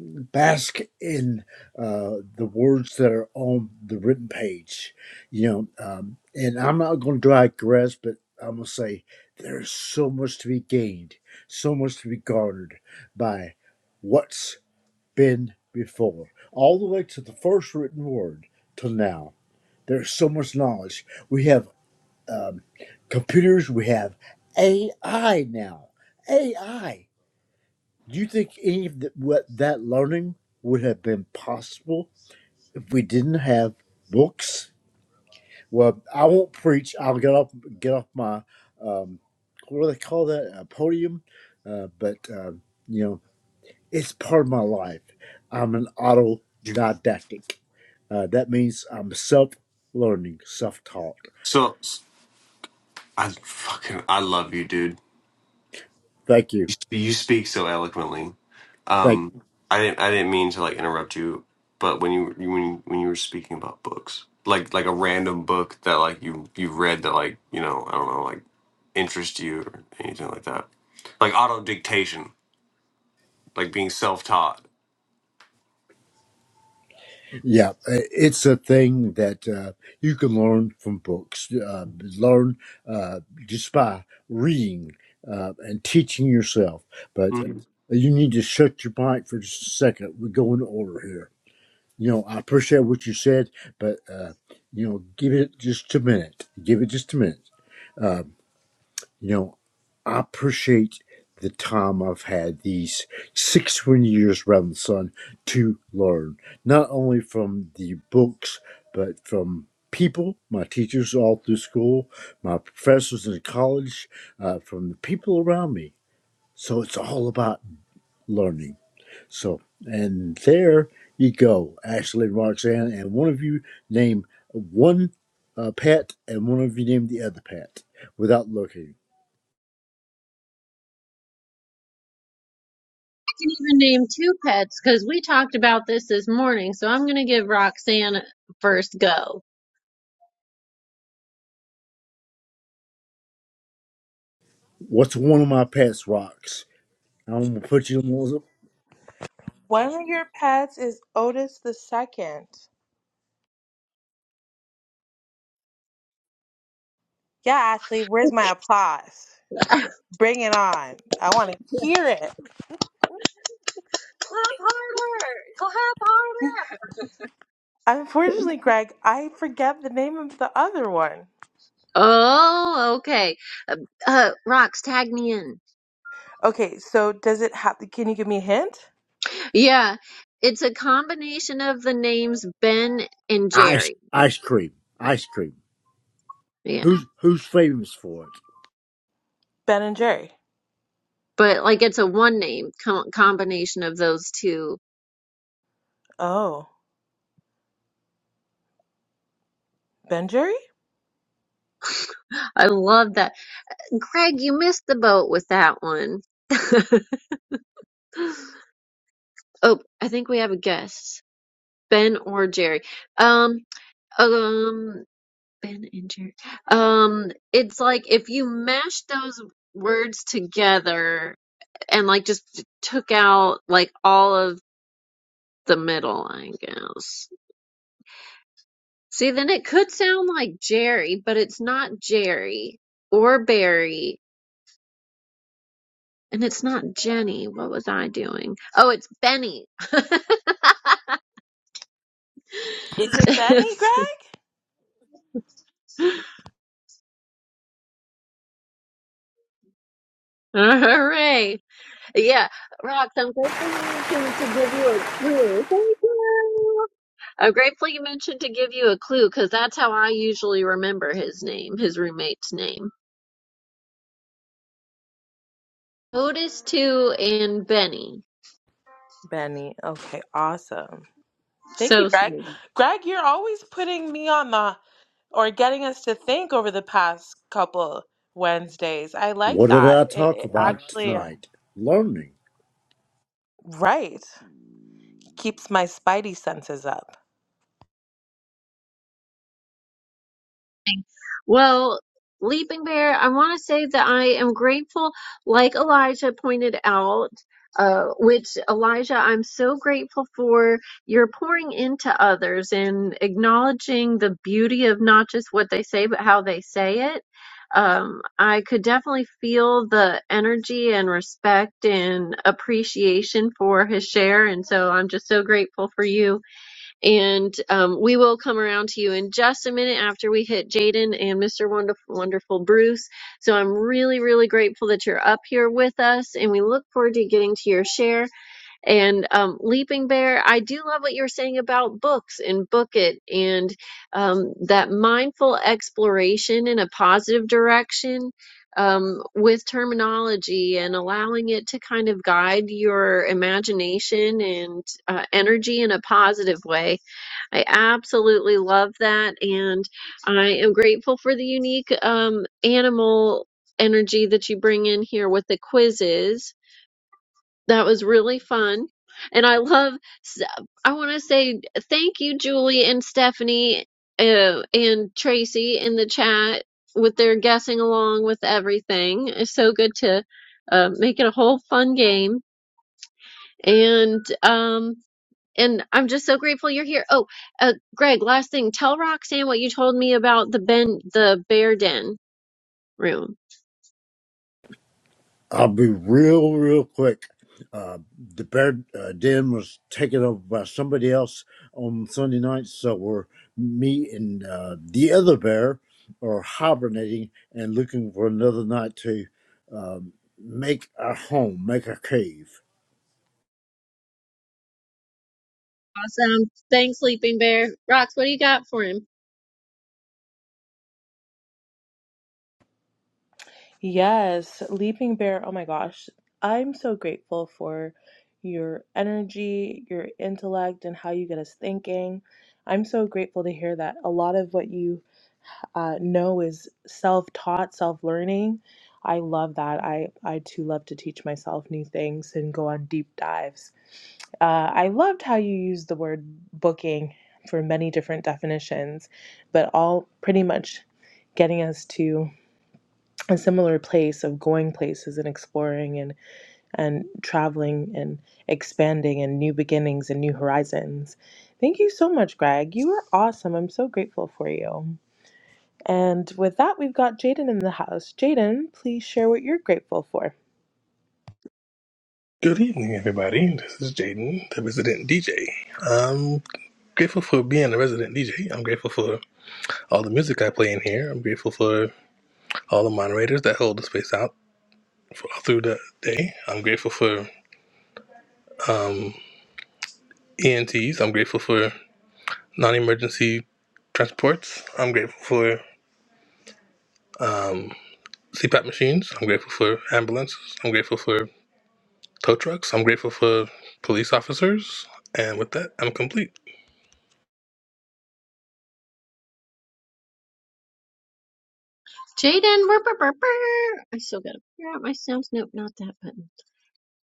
Speaker 7: bask in uh, the words that are on the written page. You know, um, and I'm not going to digress, but I'm going to say there's so much to be gained, so much to be garnered by what's been before, all the way to the first written word till now there's so much knowledge. We have um, computers. We have AI now. AI. Do you think any of the, what that learning would have been possible if we didn't have books? Well, I won't preach. I'll get off get off my um, what do they call that a podium? Uh, but um, you know, it's part of my life. I'm an
Speaker 8: You
Speaker 7: autodidactic. Uh, that means I'm self learning, self taught.
Speaker 8: so I fucking I love you, dude.
Speaker 7: Thank you.
Speaker 8: You, sp- you speak so eloquently.
Speaker 7: like
Speaker 8: Um, I didn't I didn't mean to like interrupt you, but when you you- when you, when you were speaking about books, like like a random book that like you you read that like you know I don't know like interest you or anything like that, like auto dictation, like being self taught.
Speaker 7: yeah it's a thing that uh, you can learn from books uh, learn uh, just by reading uh, and teaching yourself but uh,
Speaker 8: Mhm.
Speaker 7: you need to shut your mind for just a second we go in order here you know i appreciate what you said but uh, you know give it just a minute give it just a minute Uh, You know, I appreciate the time I've had these 61 years around the sun to learn, not only from the books, but from people, my teachers all through school, my professors in college, uh, from the people around me. So it's all about learning. So, and there you go, Ashley and Roxanne, and one of you name one uh, pet and one of you name the other pet without looking.
Speaker 1: can even name two pets because we talked about this this morning. So I'm going to give Roxanne first go.
Speaker 7: What's one of my pet rocks? I'm gonna put you on one of
Speaker 3: One of your pets is Otis the second. Yeah, Ashley, where's my applause?
Speaker 1: [LAUGHS] Clap
Speaker 3: Bring it on. I want to hear it.
Speaker 1: harder! Clap harder!
Speaker 3: Unfortunately, Greg, I forget the name of the other one.
Speaker 1: Oh, okay. Uh, uh, Rox, tag me in.
Speaker 3: Okay, so does it have can you give me a hint?
Speaker 1: Yeah, it's a combination of the names Ben and
Speaker 7: ice
Speaker 1: Jerry.
Speaker 7: ice cream. Ice cream.
Speaker 1: Yeah,
Speaker 7: Who's who's famous for it?
Speaker 3: Ben and Jerry.
Speaker 1: but like it's a one name co- combination of those two.
Speaker 3: Oh, Ben Jerry?
Speaker 1: I love that. Greg, you missed the boat with that one. [LAUGHS] oh, I think we have a guest. Ben or Jerry. Um, um, Ben and Jerry. Um, it's like if you mash those words together and like just took out like all of the middle, I guess. See, then it could sound like Jerry, but it's not Jerry or Barry. And it's not Jenny. What was I doing? Oh, it's Benny.
Speaker 3: Is it Benny, Greg?
Speaker 1: [LAUGHS] Hooray. Yeah, Rox, I'm grateful you mentioned to give you a clue. Thank you. I'm grateful you mentioned to give you a clue because that's how I usually remember his name, his roommate's name. Otis, too, and Benny.
Speaker 3: Benny. Okay, awesome. Thank you,
Speaker 1: So
Speaker 3: Greg.
Speaker 1: sweet.
Speaker 3: Greg, you're always putting me on the or getting us to think over the past couple Wednesdays. I like
Speaker 7: What did
Speaker 3: that.
Speaker 7: I
Speaker 3: It,
Speaker 7: talk
Speaker 3: it
Speaker 7: about
Speaker 3: actually. uh,
Speaker 7: tonight? Learning.
Speaker 3: Right. Keeps my spidey senses up.
Speaker 1: Well, Leaping Bear, I want to say that I am grateful, like Elijah pointed out, uh, which Elijah, I'm so grateful for your pouring into others and acknowledging the beauty of not just what they say, but how they say it. Um, I could definitely feel the energy and respect and appreciation for his share. And so I'm just so grateful for you. And um, we will come around to you in just a minute after we hit Jaden and Mr. Wonderful, Wonderful Bruce. So I'm really, really grateful that you're up here with us, and we look forward to getting to your share. And um, Leaping Bear, I do love what you're saying about books and book it and um, that mindful exploration in a positive direction. Um, with terminology and allowing it to kind of guide your imagination and uh, energy in a positive way I absolutely love that. And I am grateful for the unique um, animal energy that you bring in here with the quizzes. That was really fun. And I love, I want to say thank you, Julie and Stephanie uh, and Tracy in the chat with their guessing along with everything. It's so good to uh, make it a whole fun game. And um, and I'm just so grateful you're here. Oh, uh, Greg, last thing, tell Roxanne what you told me about the ben, the bear den room.
Speaker 7: I'll be real, real quick. Uh, the bear uh, den was taken over by somebody else on Sunday night, so we're me and uh, the other bear are hibernating and looking for another night to um, make our home, make our cave.
Speaker 1: Awesome. Thanks, sleeping bear. Rox, what do you got for him?
Speaker 3: Yes, Leaping Bear. Oh my gosh. I'm so grateful for your energy, your intellect, and how you get us thinking. I'm so grateful to hear that a lot of what you uh, know is self taught, self learning. I love that. I, I too love to teach myself new things and go on deep dives. Uh, I loved how you used the word booking for many different definitions, but all pretty much getting us to a similar place of going places and exploring and and traveling and expanding and new beginnings and new horizons. Thank you so much, Greg. You are awesome. I'm so grateful for you. And with that, we've got Jaden in the house. Jaden, please share what you're grateful for.
Speaker 9: Good evening, everybody. This is Jaden, the resident DJ. I'm grateful for being a resident DJ. I'm grateful for all the music I play in here. I'm grateful for all the moderators that hold the space out for, all through the day. I'm grateful for ENTs. I'm grateful for non emergency transports. I'm grateful for CPAP machines. I'm grateful for ambulances. I'm grateful for tow trucks. I'm grateful for police officers. And with that, I'm complete.
Speaker 1: Jaden, burr, burr, burr, burr. I still gotta figure out my sounds. Nope, not that button.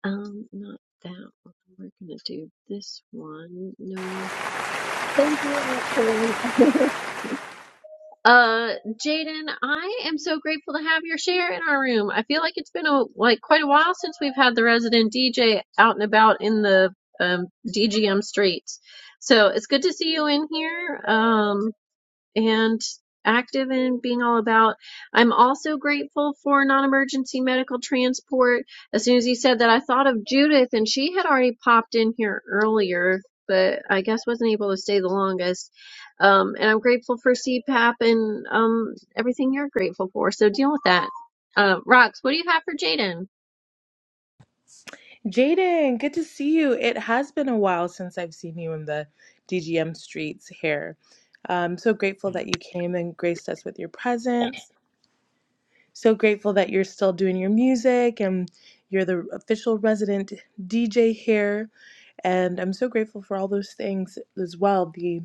Speaker 1: Um, not that one. We're gonna do this one. No. Thank you, Roxanne. Uh, Jaden, I am so grateful to have your share in our room. I feel like it's been a like quite a while since we've had the resident DJ out and about in the um, DGM streets. So it's good to see you in here. Um, and active and being all about. I'm also grateful for non emergency medical transport. As soon as you said that, I thought of Judith, and she had already popped in here earlier, but I guess wasn't able to stay the longest. Um, and I'm grateful for CPAP and um, everything you're grateful for. So deal with that. Uh, Rox, what do you have for Jaden?
Speaker 3: Jaden, good to see you. It has been a while since I've seen you in the DGM streets here. I'm so grateful that you came and graced us with your presence. So grateful that you're still doing your music and you're the official resident DJ here. And I'm so grateful for all those things as well the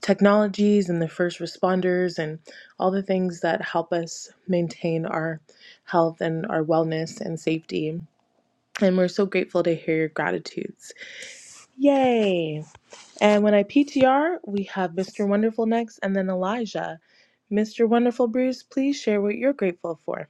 Speaker 3: technologies and the first responders and all the things that help us maintain our health and our wellness and safety. And we're so grateful to hear your gratitudes. Yay! And when I PTR, we have Mr. Wonderful next and then Elijah. Mr. Wonderful Bruce, please share what you're grateful for.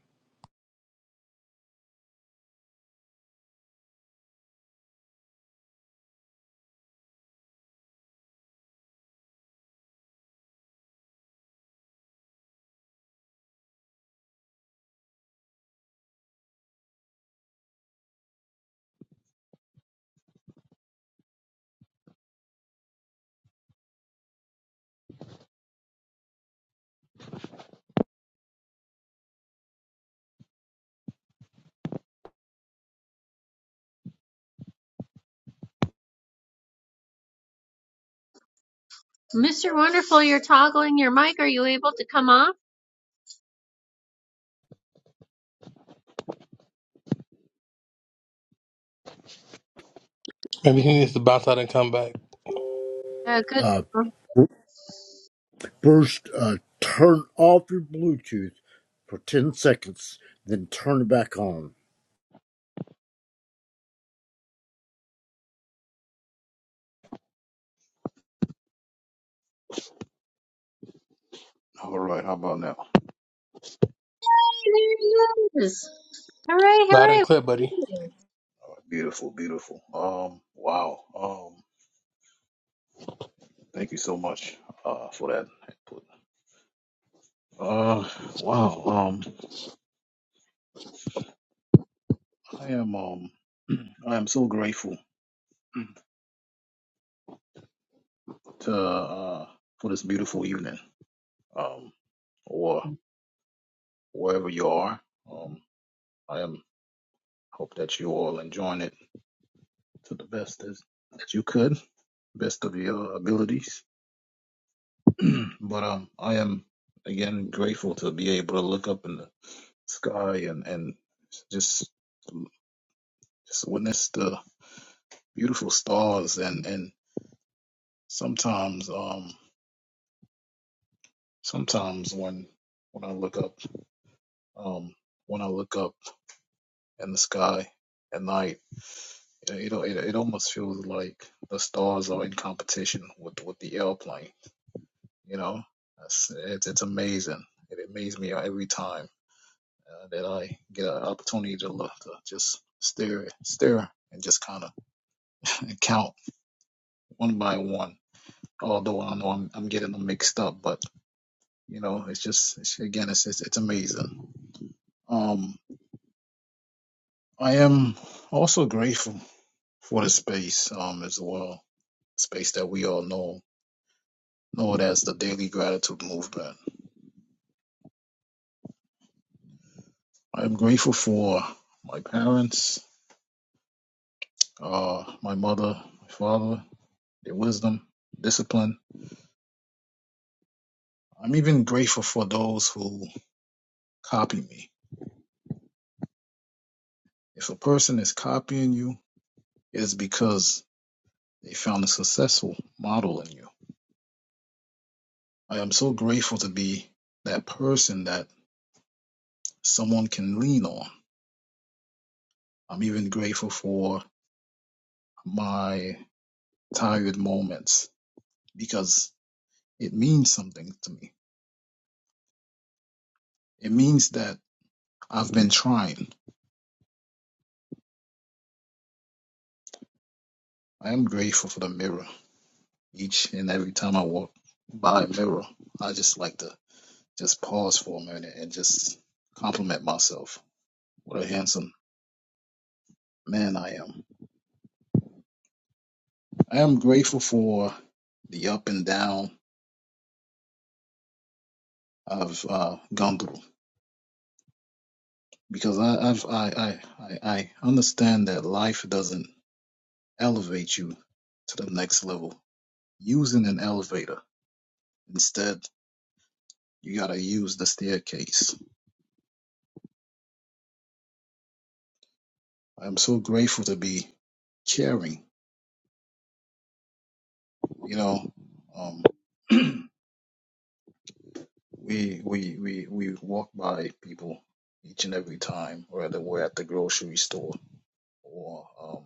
Speaker 1: Mr. Wonderful, you're toggling your mic. Are you able to come off?
Speaker 9: Maybe he needs to bounce out and come back.
Speaker 1: Uh, good.
Speaker 7: Uh,
Speaker 1: Hey, there
Speaker 7: First, uh, turn off your Bluetooth for 10 seconds, then turn it back on.
Speaker 10: All right, how about now?
Speaker 1: he is. Hooray,
Speaker 9: Loud and clear, buddy.
Speaker 1: hooray.
Speaker 10: Beautiful, beautiful. Um, wow. Um, thank you so much uh for that input. Uh, wow. Um, I am um, [CLEARS THROAT] I am so grateful [CLEARS THROAT] to uh for this beautiful evening. Um, or wherever you are. Um, I am hope that you all enjoying it to the best as that you could, best of your abilities. [CLEARS THROAT] but um, I am again grateful to be able to look up in the sky and and just just witness the beautiful stars and and sometimes um sometimes when when I look up um when I look up in the sky at night it it, it almost feels like the stars are in competition with with the airplane you know it's it's, it's amazing it amazes me every time uh, that I get an opportunity to look to just stare stare and just kind of [LAUGHS] count one by one. Although I know I'm, I'm getting them mixed up, but you know, it's just it's, again, it's, it's it's amazing. Um, I am also grateful for the space um as well, space that we all know know it as the Daily Gratitude Movement. I am grateful for my parents, uh, my mother, my father, their wisdom, discipline. I'm even grateful for those who copy me. If a person is copying you, it is because They found a successful model in you. I am so grateful to be that person that someone can lean on. I'm even grateful for my tired moments because it means something to me. It means that I've been trying. I am grateful for the mirror. Each and every time I walk by a mirror, I just like to just pause for a minute and just compliment myself. What a handsome man I am. I am grateful for the up and down I've uh, gone through because I, I've I, I I I understand that life doesn't elevate you to the next level using an elevator. Instead, you gotta use the staircase. I'm so grateful to be caring. You know, um, [CLEARS THROAT] we we we we walk by people each and every time, whether we're at the grocery store or um,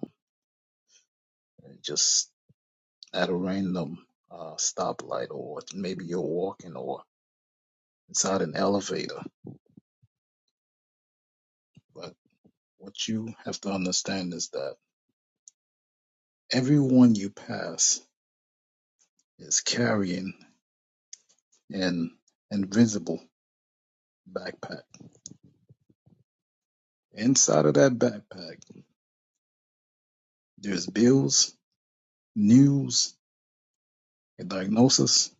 Speaker 10: just at a random uh, stoplight, or maybe you're walking, or inside an elevator. But what you have to understand is that everyone you pass is carrying an invisible backpack. Inside of that backpack, there's bills, news, a diagnosis,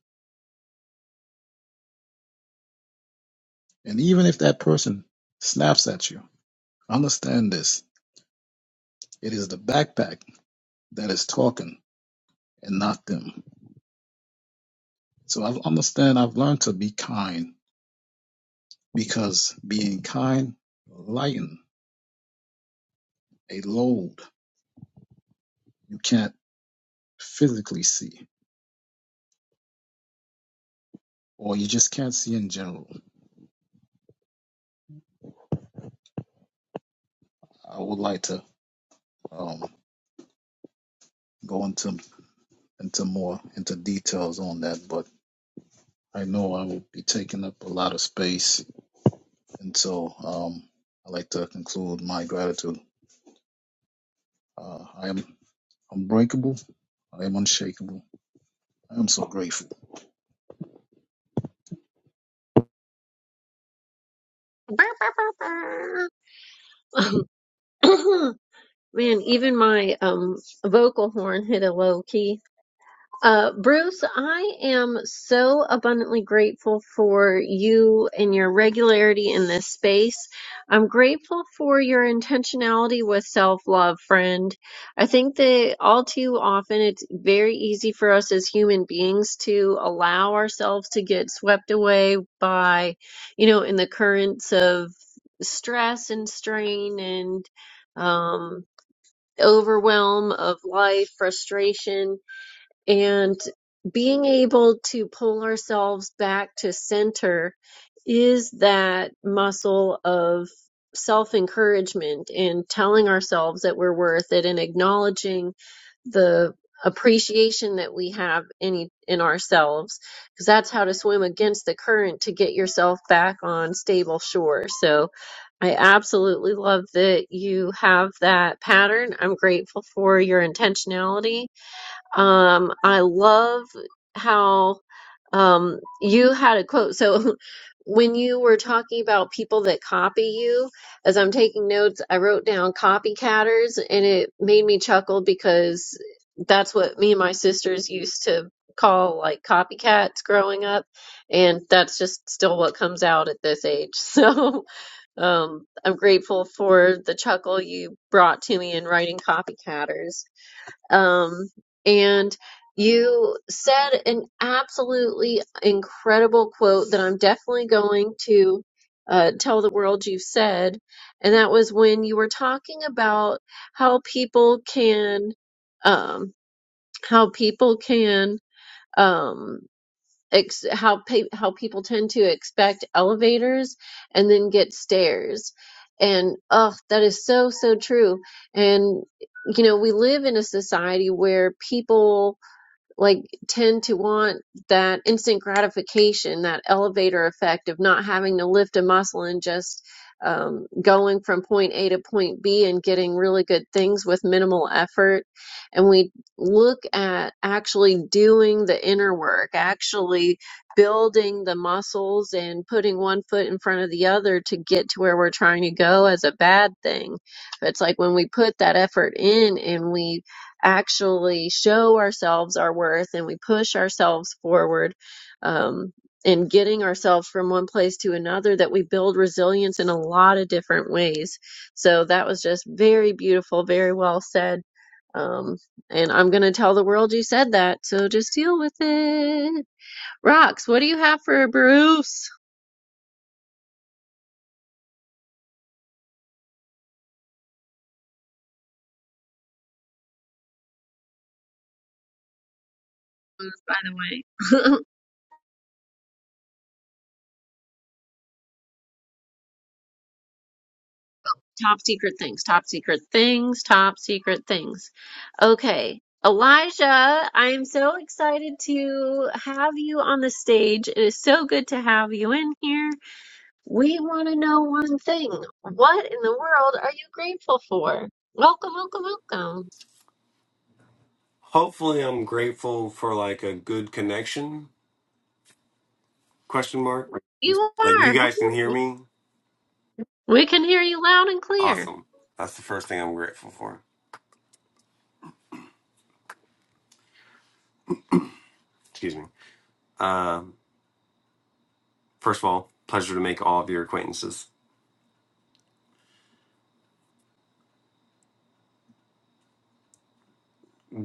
Speaker 10: and even if that person snaps at you, understand this. It is the backpack that is talking and not them. So I understand I've learned to be kind because being kind lighten a load you can't physically see, or you just can't see in general. I would like to um, go into into more into details on that, but I know I will be taking up a lot of space, and so um, I'd like to conclude my gratitude. Uh, I am unbreakable. I am unshakable. I am so grateful.
Speaker 1: [LAUGHS] Man, even my um vocal horn hit a low key. Uh, Bruce, I am so abundantly grateful for you and your regularity in this space. I'm grateful for your intentionality with self love, friend. I think that all too often it's very easy for us as human beings to allow ourselves to get swept away by, you know, in the currents of stress and strain and, um, overwhelm of life, frustration and being able to pull ourselves back to center is that muscle of self encouragement and telling ourselves that we're worth it and acknowledging the appreciation that we have in e- in ourselves because that's how to swim against the current to get yourself back on stable shore. So I absolutely love that you have that pattern. I'm grateful for your intentionality um, I love how um, you had a quote. So [LAUGHS] when you were talking about people that copy you, as I'm taking notes, I wrote down copycatters, and it made me chuckle because that's what me and my sisters used to call like copycats growing up, and that's just still what comes out at this age. [LAUGHS] So um, I'm grateful for the chuckle you brought to me in writing copycatters. Um, and you said an absolutely incredible quote that I'm definitely going to uh, tell the world you said. And that was when you were talking about how people can, um, how people can, um, ex- how pe- how people tend to expect elevators and then get stairs. And oh, that is so so true. And you know, we live in a society where people like tend to want that instant gratification, that elevator effect of not having to lift a muscle and just um, going from point A to point B and getting really good things with minimal effort. And we look at actually doing the inner work, actually building the muscles and putting one foot in front of the other to get to where we're trying to go as a bad thing. But it's like when we put that effort in and we actually show ourselves our worth and we push ourselves forward um, and getting ourselves from one place to another that we build resilience in a lot of different ways so that was just very beautiful very well said um, and i'm going to tell the world you said that so just deal with it rocks what do you have for bruce by the way [LAUGHS] Top secret things, top secret things, top secret things. Okay. Elijah, I'm so excited to have you on the stage. It is so good to have you in here. We want to know one thing. What in the world are you grateful for? Welcome, welcome, welcome.
Speaker 8: Hopefully, I'm grateful for like a good connection question mark.
Speaker 1: You
Speaker 8: Like you
Speaker 1: are.
Speaker 8: guys can hear
Speaker 1: Hi.
Speaker 8: me.
Speaker 1: We can hear you loud and clear.
Speaker 8: Awesome. That's the first thing I'm grateful for. excuse me. Um, first of all, pleasure to make all of your acquaintances.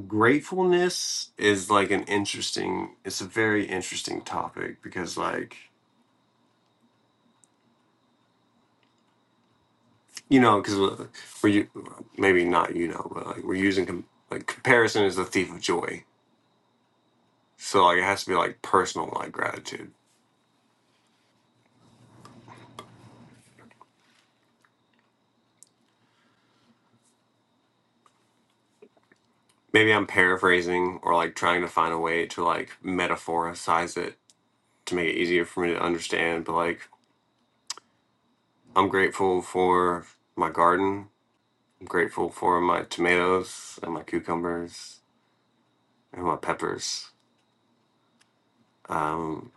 Speaker 8: Gratefulness is like an interesting, it's a very interesting topic because, like, you know, because we're you maybe not you know, but like we're using com- like comparison is the thief of joy. So like it has to be like personal like gratitude. Maybe I'm paraphrasing or like trying to find a way to like metaphoricize it to make it easier for me to understand. But like I'm grateful for my garden I'm grateful for my tomatoes and my cucumbers and my peppers. Um,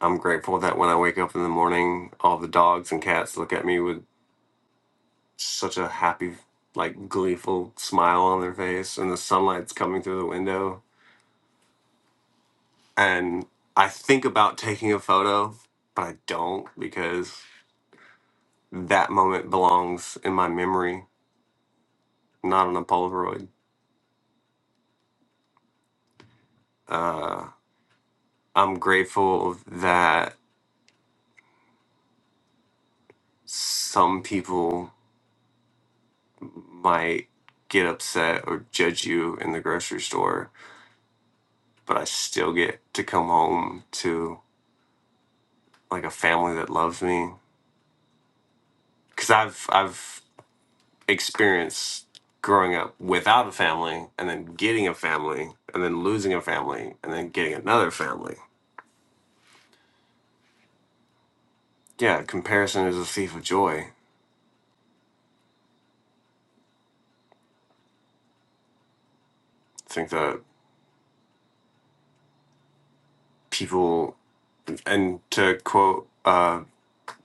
Speaker 8: I'm grateful that when I wake up in the morning, all the dogs and cats look at me with such a happy, like gleeful smile on their face, and the sunlight's coming through the window. And I think about taking a photo, but I don't because that moment belongs in my memory, not on a Polaroid. Uh, I'm grateful that some people might get upset or judge you in the grocery store, but I still get to come home to like a family that loves me cuz I've I've experienced growing up without a family and then getting a family and then losing a family and then getting another family. Yeah, comparison is a thief of joy. I think that people and to quote uh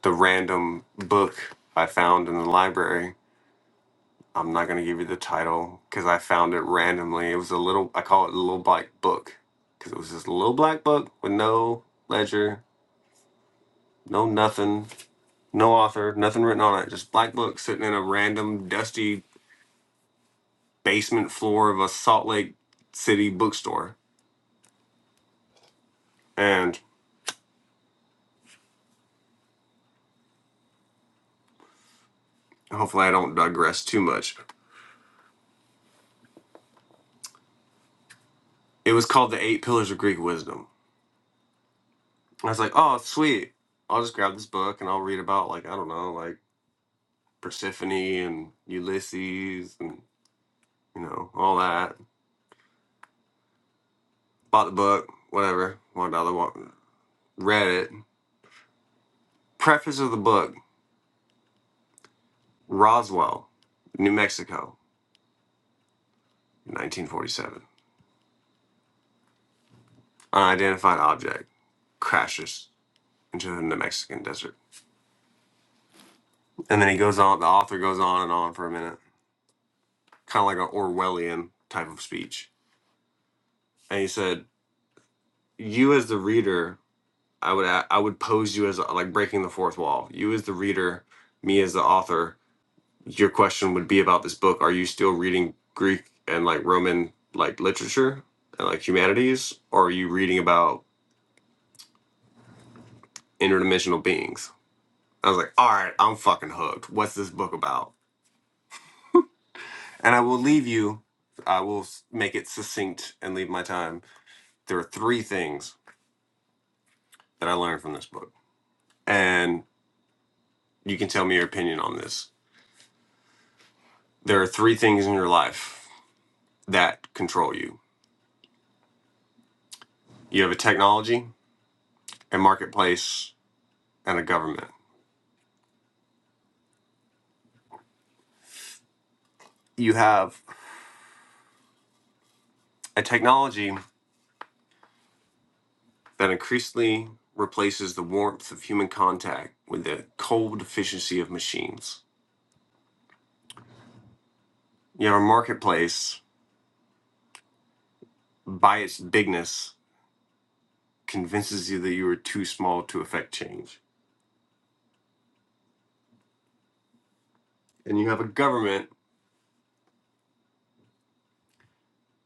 Speaker 8: the random book I found in the library I'm not gonna give you the title because I found it randomly. It was a little I call it a little black book because it was just a little black book with no ledger, no nothing, no author, nothing written on it. Just black book sitting in a random dusty basement floor of a Salt Lake City bookstore. And hopefully I don't digress too much. It was called The Eight Pillars of Greek Wisdom. I was like, oh sweet. I'll just grab this book and I'll read about like I don't know like Persephone and Ulysses and you know, all that. Bought the book, whatever, one dollar, one, read it. Preface of the book Roswell, New Mexico, 1947. Unidentified object crashes into the Mexican desert. And then he goes on, the author goes on and on for a minute, kind of like an Orwellian type of speech. And he said, You as the reader, I would, a- I would pose you as like breaking the fourth wall. You as the reader, me as the author, your question would be about this book. Are you still reading Greek and like Roman like literature and like humanities, or are you reading about interdimensional beings? I was like, all right, I'm fucking hooked. What's this book about? And I will leave you. I will s- make it succinct and leave my time. There are three things that I learned from this book, and you can tell me your opinion on this. There are three things in your life that control you. You have a technology, a marketplace, and a government. You have A technology that increasingly replaces the warmth of human contact with the cold efficiency of machines. You have a marketplace, by its bigness, convinces you that you are too small to affect change. And you have a government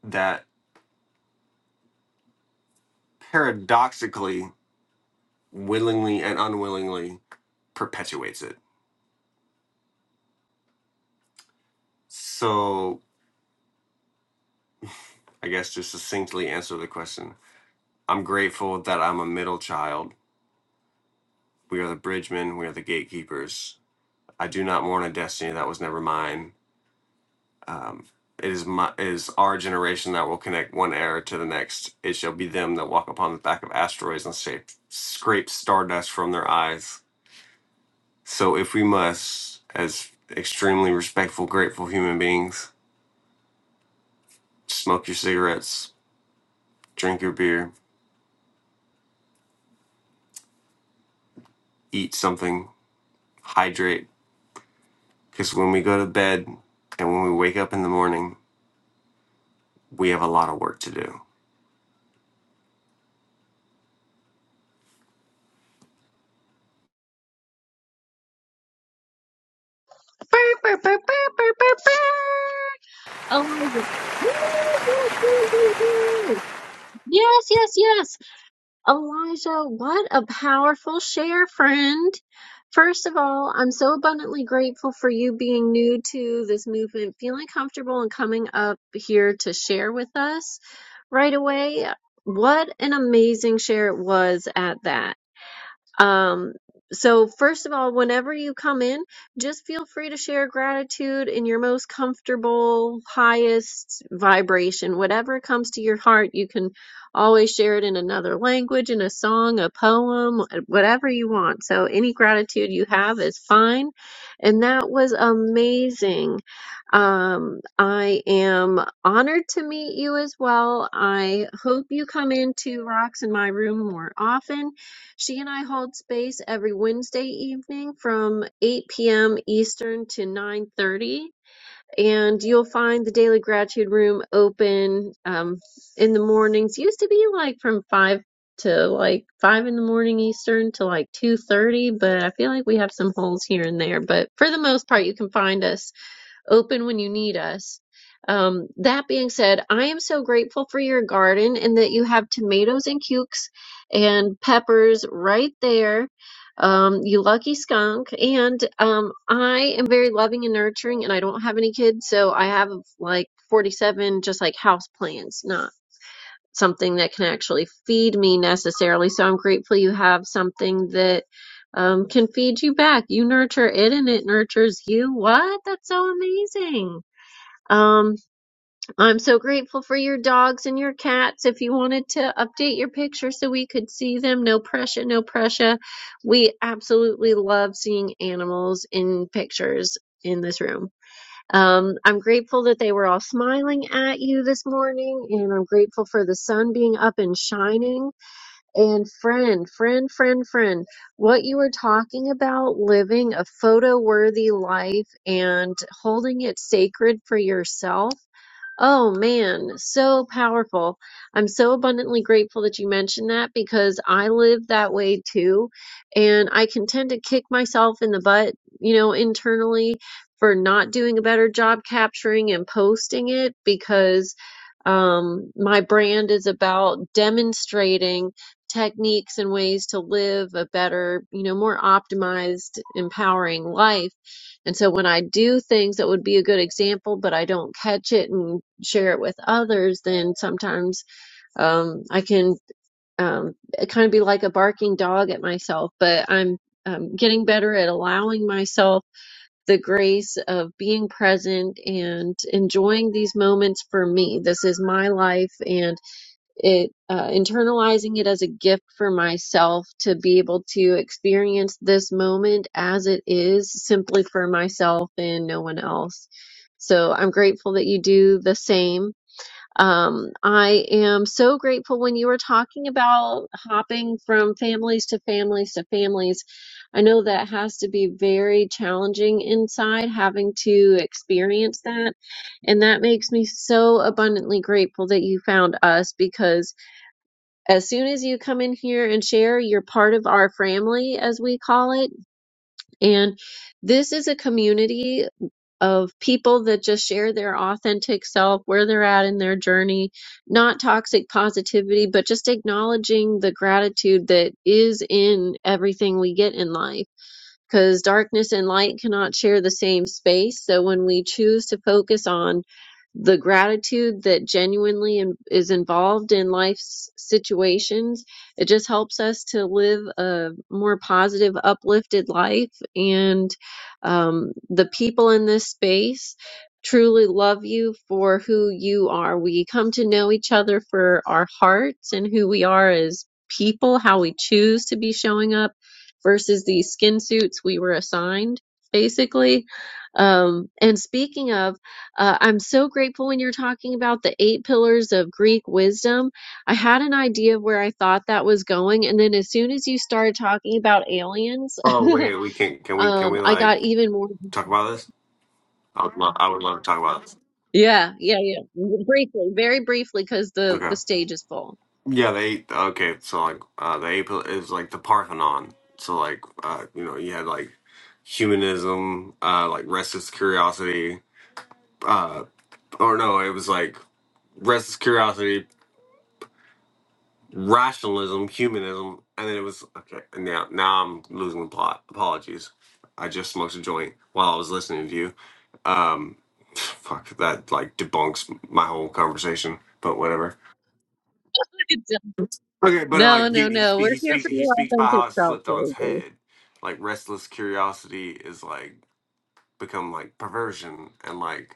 Speaker 8: that paradoxically, willingly and unwillingly, perpetuates it. So, I guess to succinctly answer the question, I'm grateful that I'm a middle child. We are the bridgemen, we are the gatekeepers, I do not mourn a destiny that was never mine. Um, it is my it is our generation that will connect one era to the next. It shall be them that walk upon the back of asteroids and shape, scrape stardust from their eyes. So if we must, as extremely respectful, grateful human beings, smoke your cigarettes, drink your beer, eat something, hydrate, because when we go to bed and when we wake up in the morning, we have a lot of work to do.
Speaker 1: Burr, burr, burr, burr, burr, burr, burr. Elijah. Yes, yes, yes, yes. Yes, yes, yes. Elijah, what a powerful share, friend. First of all, I'm so abundantly grateful for you being new to this movement, feeling comfortable and coming up here to share with us right away. What an amazing share it was at that. Um, so first of all, whenever you come in, just feel free to share gratitude in your most comfortable, highest vibration, whatever comes to your heart. You can always share it in another language, in a song, a poem, whatever you want. So any gratitude you have is fine. And that was amazing. Um, I am honored to meet you as well. I hope you come into Rocks in my room more often she and I hold space every Wednesday evening from 8 p.m. Eastern to 9:30, and you'll find the Daily Gratitude Room open um, in the mornings. Used to be like from 5 to like 5 in the morning Eastern to like 2:30, but I feel like we have some holes here and there. But for the most part, you can find us open when you need us. Um, that being said, I am so grateful for your garden and that you have tomatoes and cukes and peppers right there. Um, you lucky skunk. And um, I am very loving and nurturing, and I don't have any kids, so I have like 47 just like house plants, Not something that can actually feed me necessarily. So I'm grateful you have something that um, can feed you back. You nurture it and it nurtures you. What? That's so amazing. Um, I'm so grateful for your dogs and your cats. If you wanted to update your picture so we could see them, no pressure, no pressure. We absolutely love seeing animals in pictures in this room. Um, I'm grateful that they were all smiling at you this morning, and I'm grateful for the sun being up and shining. And friend, friend, friend, friend, what you were talking about living a photo worthy life and holding it sacred for yourself Oh man, so powerful. I'm so abundantly grateful that you mentioned that because I live that way too. And I can tend to kick myself in the butt, you know, internally for not doing a better job capturing and posting it because um, my brand is about demonstrating techniques and ways to live a better, you know, more optimized, empowering life and so when I do things that would be a good example, but I don't catch it and share it with others, then sometimes um, I can um, kind of be like a barking dog at myself. But I'm um, getting better at allowing myself the grace of being present and enjoying these moments for me. This is my life, and it uh, internalizing it as a gift for myself to be able to experience this moment as it is simply for myself and no one else so i'm grateful that you do the same um, i am so grateful when you were talking about hopping from families to families to families i know that has to be very challenging inside having to experience that and that makes me so abundantly grateful that you found us because as soon as you come in here and share, you're part of our family, as we call it. And this is a community of people that just share their authentic self, where they're at in their journey, not toxic positivity, but just acknowledging the gratitude that is in everything we get in life because darkness and light cannot share the same space. So when we choose to focus on the gratitude that genuinely in- is involved in life's situations, it just helps us to live a more positive, uplifted life. And um, the people in this space truly love you for who you are. We come to know each other for our hearts and who we are as people, how we choose to be showing up versus the skin suits we were assigned, basically. Um, and speaking of, uh, I'm so grateful when you're talking about the eight pillars of Greek wisdom. I had an idea of where I thought that was going, and then as soon as you started talking about aliens,
Speaker 8: Oh
Speaker 1: [LAUGHS]
Speaker 8: wait, we can can we can we
Speaker 1: um, I
Speaker 8: like
Speaker 1: got even more.
Speaker 8: talk about this? I would love. I would love to talk about. this.
Speaker 1: Yeah, yeah, yeah. Briefly, very briefly, because the the
Speaker 8: Okay.
Speaker 1: stage is full.
Speaker 8: Yeah, they. Okay, so like uh, the April is like the Parthenon. So like uh, you know you had like humanism, uh, like restless curiosity. Uh, or no, it was like restless curiosity, rationalism, humanism, and then it was okay. And now now I'm losing the plot. Apologies. I just smoked a joint while I was listening to you. Um, [SIGHS] fuck that. Like debunks my whole conversation. But whatever.
Speaker 1: [LAUGHS]
Speaker 8: Okay, but
Speaker 1: No,
Speaker 8: like he
Speaker 1: no,
Speaker 8: he
Speaker 1: no.
Speaker 8: speaks
Speaker 1: We're
Speaker 8: he
Speaker 1: here
Speaker 8: speaks
Speaker 1: for
Speaker 8: he
Speaker 1: your
Speaker 8: speaks about
Speaker 1: authentic
Speaker 8: how it's
Speaker 1: self,
Speaker 8: flipped on its
Speaker 1: baby.
Speaker 8: head. Like restless curiosity is like become like perversion and like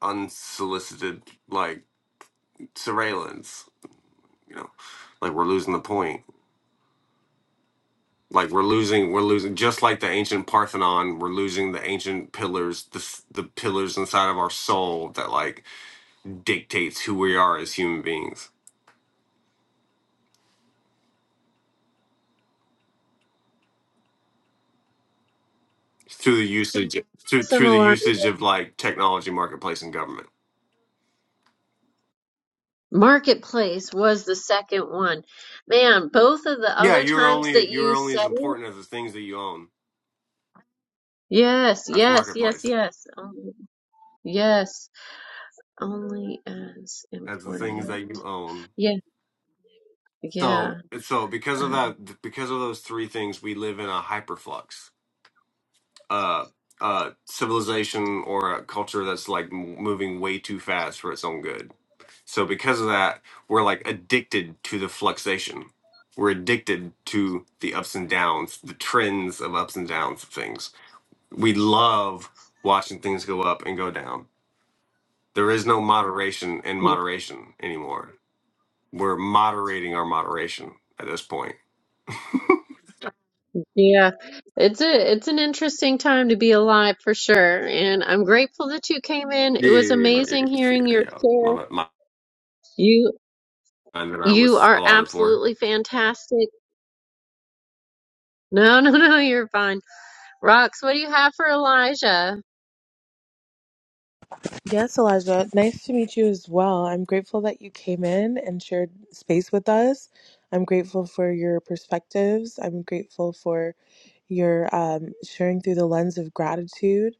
Speaker 8: unsolicited like surveillance. You know, like we're losing the point. Like we're losing, we're losing. Just like the ancient Parthenon, we're losing the ancient pillars, the s- the pillars inside of our soul that like dictates who we are as human beings through the usage through through the
Speaker 1: Similar.
Speaker 8: usage of like technology, marketplace, and government.
Speaker 1: Marketplace was the second one. Man, both of the
Speaker 8: Yeah,
Speaker 1: other
Speaker 8: you're
Speaker 1: times
Speaker 8: only
Speaker 1: that
Speaker 8: you're
Speaker 1: you
Speaker 8: only as
Speaker 1: said it.
Speaker 8: important as the things that you own.
Speaker 1: Yes,
Speaker 8: That's
Speaker 1: yes, yes,
Speaker 8: marketplace.
Speaker 1: yes. Only, yes, only as
Speaker 8: That's the things
Speaker 1: important.
Speaker 8: that you own.
Speaker 1: Yeah, yeah.
Speaker 8: So so because of
Speaker 1: Um,
Speaker 8: that, because of those three things, we live in a hyperflux. Uh, uh, civilization or a culture that's like m- moving way too fast for its own good. So because of that, we're like addicted to the fluxation. We're addicted to the ups and downs, the trends of ups and downs of things. We love watching things go up and go down There is no moderation in moderation anymore. We're moderating our moderation at this point.
Speaker 1: yeah, it's a it's an interesting time to be alive for sure, and I'm grateful that you came in. It
Speaker 8: Yeah,
Speaker 1: was
Speaker 8: yeah, yeah, yeah.
Speaker 1: amazing hearing
Speaker 8: yeah,
Speaker 1: your
Speaker 8: yeah.
Speaker 1: share.
Speaker 8: My, my
Speaker 1: You
Speaker 8: mind that I
Speaker 1: you
Speaker 8: was
Speaker 1: are
Speaker 8: allotted for.
Speaker 1: absolutely fantastic. No, no, [LAUGHS] no, you're fine. Rox, what do you have for Elijah?
Speaker 3: Yes, Elijah. Nice to meet you as well. I'm grateful that you came in and shared space with us. I'm grateful for your perspectives. I'm grateful for your um, sharing through the lens of gratitude.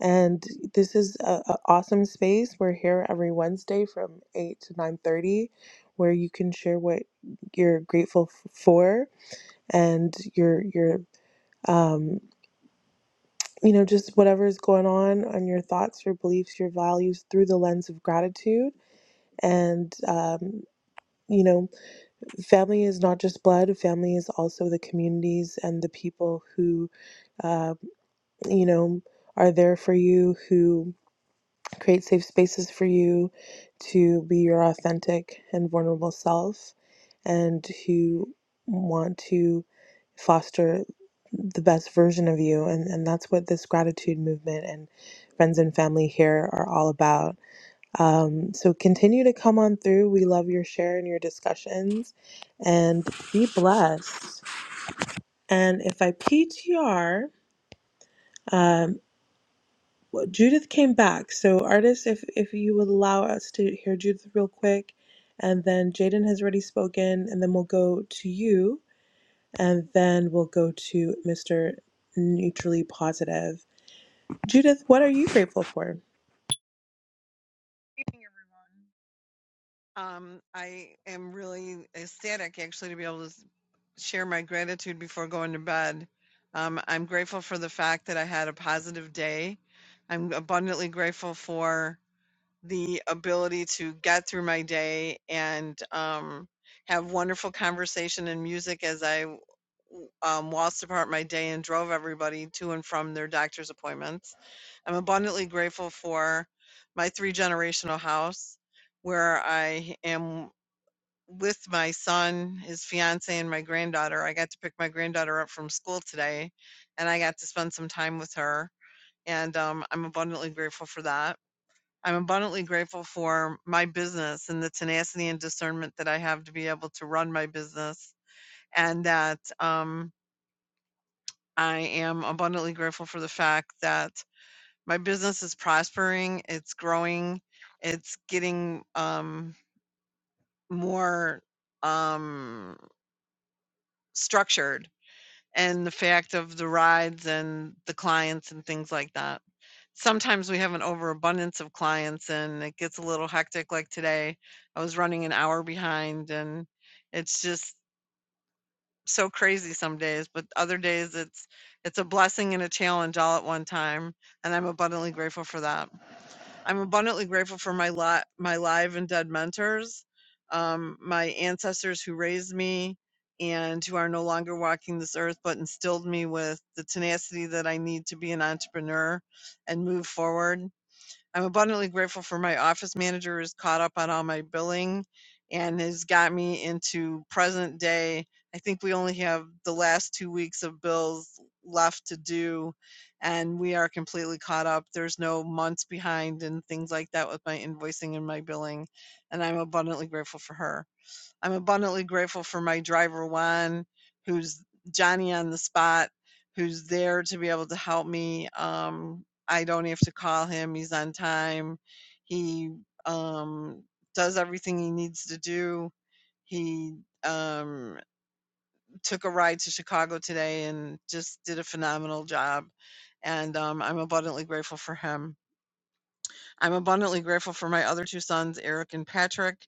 Speaker 3: And this is an awesome space. We're here every Wednesday from 8 to 9:30 where you can share what you're grateful f- for and your your um you know just whatever is going on on your thoughts, your beliefs, your values through the lens of gratitude and, um, you know, family is not just blood, family is also the communities and the people who, uh, you know, are there for you, who create safe spaces for you to be your authentic and vulnerable self, and who want to foster the best version of you. And, and that's what this gratitude movement and friends and family here are all about um, so continue to come on through. We love your share and your discussions and be blessed. And if I P T R, um, well, Judith came back. So, artists, if, if you would allow us to hear Judith real quick, and then Jaden has already spoken, and then we'll go to you, and then we'll go to Mr. Neutrally Positive. Judith, what are you grateful for?
Speaker 11: Um, I am really ecstatic actually to be able to share my gratitude before going to bed. Um, I'm grateful for the fact that I had a positive day. I'm abundantly grateful for the ability to get through my day and um, have wonderful conversation and music as I w- um, whilst apart my day and drove everybody to and from their doctor's appointments. I'm abundantly grateful for my three generational house where I am with my son, his fiance, and my granddaughter. I got to pick my granddaughter up from school today and I got to spend some time with her. And um, I'm abundantly grateful for that. I'm abundantly grateful for my business and the tenacity and discernment that I have to be able to run my business and that. Um, I am abundantly grateful for the fact that my business is prospering, it's growing, it's getting um, more um, structured, and the fact of the rides and the clients and things like that. Sometimes we have an overabundance of clients and it gets a little hectic, like today. I was running an hour behind, and it's just so crazy some days, but other days it's it's a blessing and a challenge all at one time, and I'm abundantly grateful for that. I'm abundantly grateful for my lot, my live and dead mentors, um, my ancestors who raised me and who are no longer walking this earth, but instilled me with the tenacity that I need to be an entrepreneur and move forward. I'm abundantly grateful for my office manager who's caught up on all my billing and has got me into present day. I think we only have the last two weeks of bills left to do, and we are completely caught up. There's no months behind and things like that with my invoicing and my billing, and I'm abundantly grateful for her. I'm abundantly grateful for my driver, Juan, who's Johnny on the spot, who's there to be able to help me. Um, I don't have to call him, he's on time. He um, does everything he needs to do. He um, took a ride to Chicago today and just did a phenomenal job. And um, I'm abundantly grateful for him. I'm abundantly grateful for my other two sons, Eric and Patrick,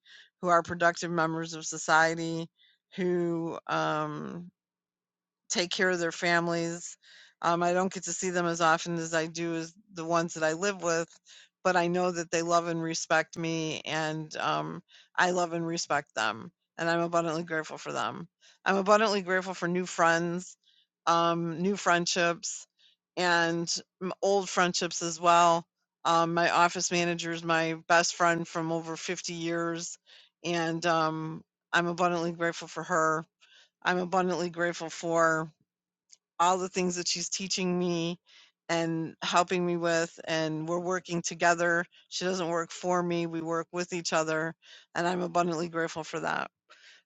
Speaker 11: who are productive members of society, who um, take care of their families. Um, I don't get to see them as often as I do as the ones that I live with, but I know that they love and respect me, and um, I love and respect them, and I'm abundantly grateful for them. I'm abundantly grateful for new friends, um, new friendships, and m- old friendships as well. Um, my office manager is my best friend from over 50 years, and um, I'm abundantly grateful for her. I'm abundantly grateful for all the things that she's teaching me and helping me with and we're working together she doesn't work for me we work with each other and i'm abundantly grateful for that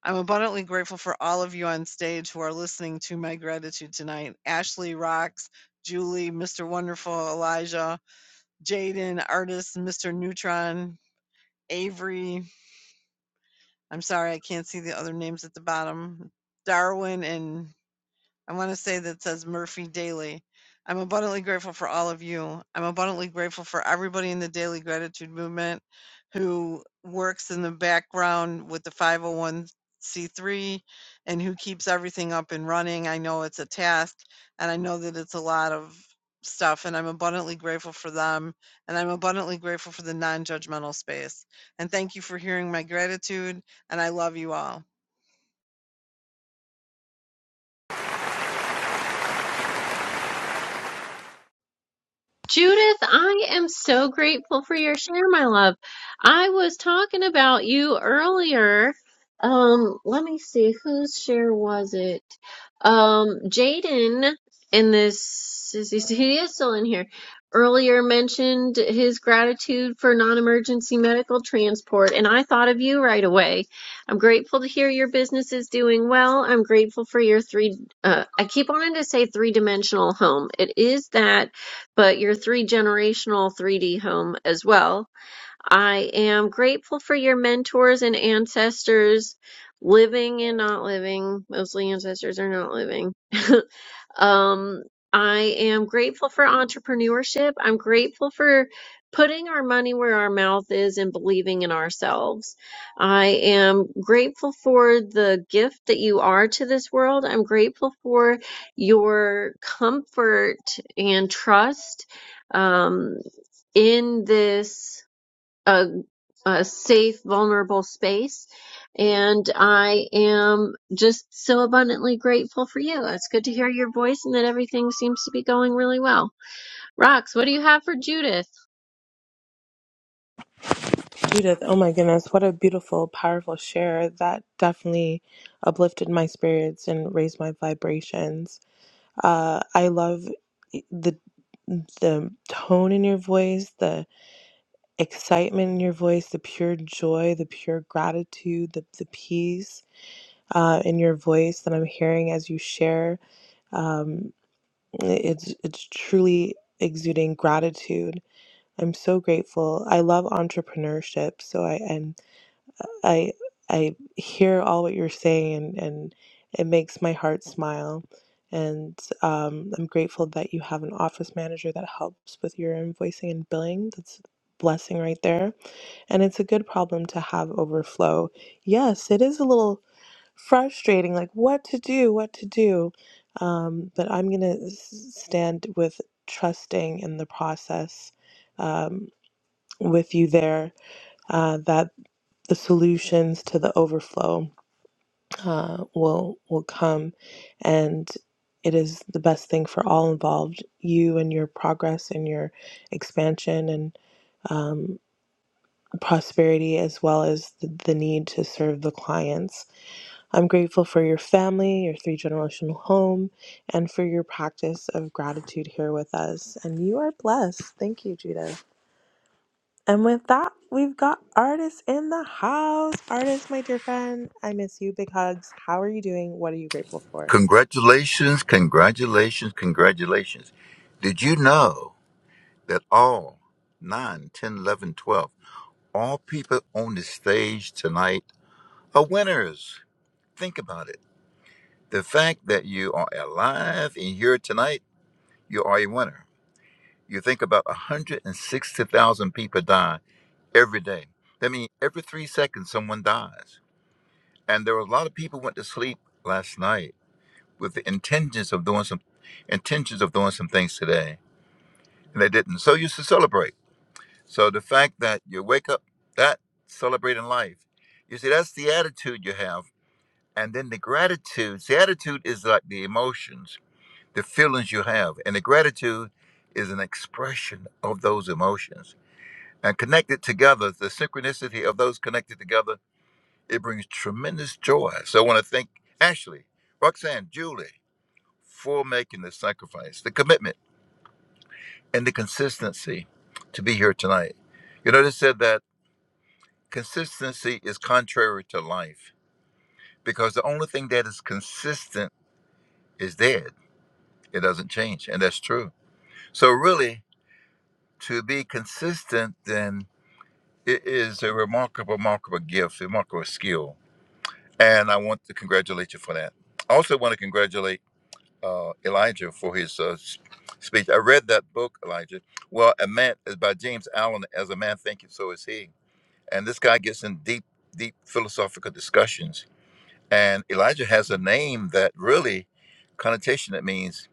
Speaker 11: i'm abundantly grateful for all of you on stage who are listening to my gratitude tonight ashley rocks julie mr wonderful elijah jaden artist mr neutron avery i'm sorry i can't see the other names at the bottom darwin and I want to say that says Murphy Daily. I'm abundantly grateful for all of you. I'm abundantly grateful for everybody in the daily gratitude movement who works in the background with the 501c3 and who keeps everything up and running. I know it's a task and I know that it's a lot of stuff, and I'm abundantly grateful for them. And I'm abundantly grateful for the non judgmental space. And thank you for hearing my gratitude, and I love you all.
Speaker 1: Judith, I am so grateful for your share, my love. I was talking about you earlier. Um, let me see, whose share was it? Um, Jaden in this, is he, he is still in here. Earlier mentioned his gratitude for non-emergency medical transport, and I thought of you right away. I'm grateful to hear your business is doing well. I'm grateful for your three, uh, I keep wanting to say three-dimensional home. It is that but your three generational 3D home as well. I am grateful for your mentors and ancestors, living and not living. Mostly ancestors are not living. [LAUGHS] Um, I am grateful for entrepreneurship. I'm grateful for putting our money where our mouth is and believing in ourselves. I am grateful for the gift that you are to this world. I'm grateful for your comfort and trust um, in this. uh, a safe, vulnerable space. And I am just so abundantly grateful for you. It's good to hear your voice and that everything seems to be going really well. Rox, what do you have for Judith?
Speaker 3: Judith, oh my goodness, what a beautiful, powerful share. That definitely uplifted my spirits and raised my vibrations. Uh, I love e, the the tone in your voice, the excitement in your voice, the pure joy, the pure gratitude, the, the peace uh, in your voice that I'm hearing as you share. Um, it's it's truly exuding gratitude. I'm so grateful. I love entrepreneurship, so I and I I hear all what you're saying and, and it makes my heart smile. And um, I'm grateful that you have an office manager that helps with your invoicing and billing. That's a blessing right there. And it's a good problem to have overflow. Yes, it is a little frustrating, like what to do, what to do. Um, but I'm going to stand with trusting in the process um, with you there uh, that the solutions to the overflow uh, will will come, and it is the best thing for all involved. You and your progress and your expansion and um, prosperity, as well as the, the need to serve the clients. I'm grateful for your family, your three generational home, and for your practice of gratitude here with us. And you are blessed. Thank you, Judith. And with that, we've got artists in the house. Artist, my dear friend, I miss you. Big hugs. How are you doing? What are you grateful for?
Speaker 12: Congratulations, congratulations, congratulations. Did you know that all nine, ten, eleven, twelve, all people on the stage tonight are winners? Think about it. The fact that you are alive and here tonight, you are a winner. You think about 160,000 people die every day. That means every three seconds someone dies. And there were a lot of people went to sleep last night with the intentions of doing some intentions of doing some things today and they didn't. So you should celebrate. So the fact that you wake up, that celebrating life, you see, that's the attitude you have. And then the gratitude, the attitude is like the emotions, the feelings you have. And the gratitude is an expression of those emotions. And connected together, the synchronicity of those connected together, it brings tremendous joy. So I want to thank Ashley, Roxanne, Julie for making the sacrifice, the commitment and the consistency to be here tonight. You notice said that consistency is contrary to life because the only thing that is consistent is dead. It doesn't change, and that's true. So really, to be consistent, then it is a remarkable, remarkable gift, remarkable skill, and I want to congratulate you for that. I also want to congratulate uh, Elijah for his uh, s- speech. I read that book, Elijah. Well, a man is by James Allen. As a man thinketh, so is he And this guy gets in deep, deep philosophical discussions. And Elijah has a name that really connotation that means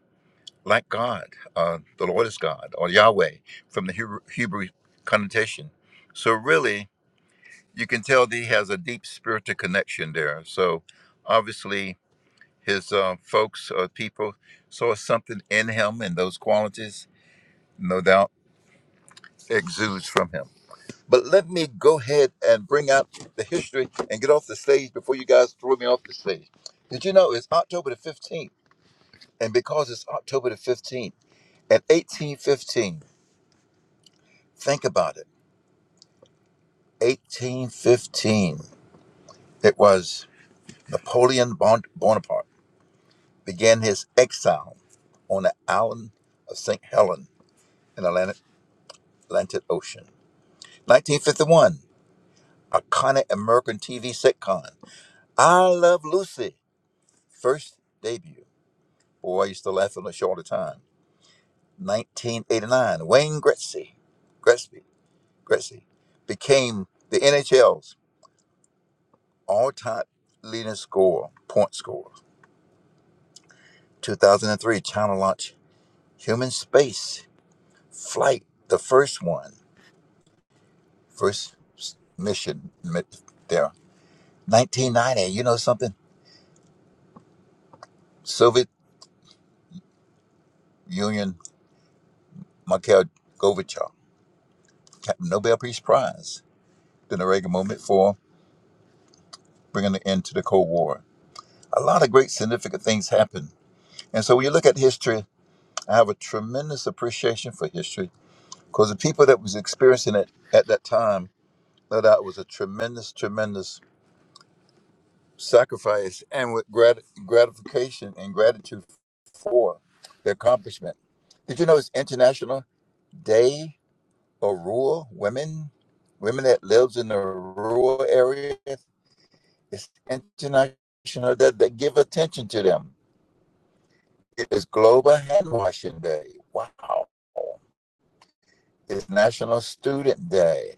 Speaker 12: like God, uh, the Lord is God, or Yahweh from the Hebrew, Hebrew connotation. So really, you can tell that he has a deep spiritual connection there. So obviously, his uh, folks or people saw something in him, and those qualities, no doubt, exudes from him. But let me go ahead and bring out the history and get off the stage before you guys throw me off the stage. Did you know it's October the 15th? And because it's October the 15th, at 1815, think about it 1815, it was Napoleon Bon- Bonaparte began his exile on the island of St. Helena in the Atlantic, Atlantic Ocean. 1951, iconic American TV sitcom, I Love Lucy, first debut. Boy, I used to laugh on the show all the time. 1989, Wayne Gretzky, Gretzky, Gretzky became the NHL's all-time leading scorer, point scorer. 2003, China launched human space flight, the first one, first mission there. 1990, you know something? Soviet Union, Mikhail Gorbachev, Nobel Peace Prize, during the Reagan moment for bringing an end to the Cold War. a lot of great significant things happen. And so when you look at history, I have a tremendous appreciation for history because the people that was experiencing it at that time, no doubt, was a tremendous, tremendous sacrifice and with grat- gratification and gratitude for the accomplishment. Did you know it's International Day of Rural Women? Women that lives in the rural area. It's international that, that give attention to them It is Global Hand Washing Day. Wow. It's National Student Day.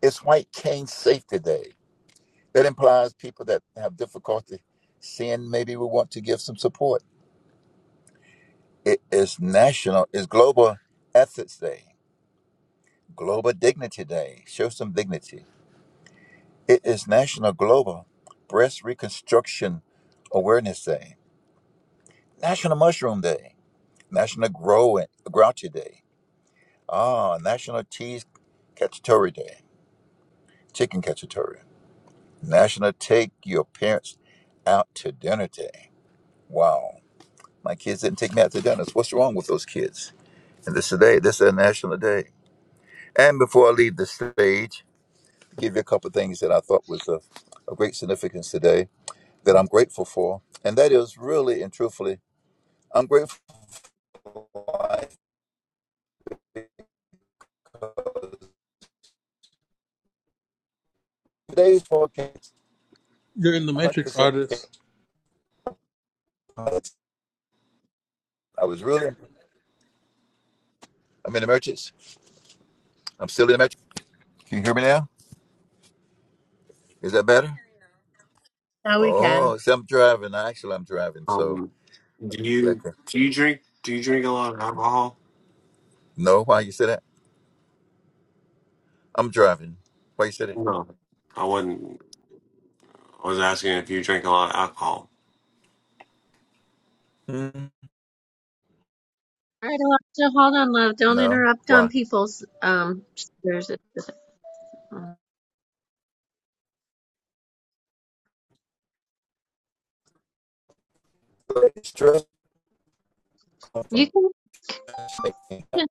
Speaker 12: It's White Cane Safety Day. That implies people that have difficulty seeing maybe we want to give some support. It is National, it's Global Ethics Day, Global Dignity Day. Show some dignity. It is National Global Breast Reconstruction Awareness Day, National Mushroom Day, National Grow Grouchy Day, ah, National Cheese Cacciatore Day. Chicken Cacciatore. National Take Your Parents Out to Dinner Day. Wow. My kids didn't take me out to dinners. What's wrong with those kids? And this today, this is a national day. And before I leave the stage, I'll give you a couple of things that I thought was of, of great significance today that I'm grateful for. And that is really and truthfully, I'm grateful for today's forecast
Speaker 9: You're in the Matrix,
Speaker 12: 100%
Speaker 9: artist.
Speaker 12: I was really, I'm in the merchants. I'm still in the merchants. Can you hear me now? Is that better?
Speaker 3: Now we can.
Speaker 12: Oh, see, I'm driving. Actually, I'm driving. So,
Speaker 8: Um, do
Speaker 12: like,
Speaker 8: you do you drink do you drink a lot of alcohol?
Speaker 12: no, why you say that? I'm driving. Why you say that?
Speaker 8: No, I wasn't. I was asking if you drink a lot of alcohol.
Speaker 12: Hmm?
Speaker 1: All right, Alexa, hold on, love. Don't
Speaker 12: No,
Speaker 1: interrupt on
Speaker 12: why?
Speaker 1: people's um. There's a,
Speaker 12: Stress come
Speaker 1: you
Speaker 12: from-
Speaker 1: can you're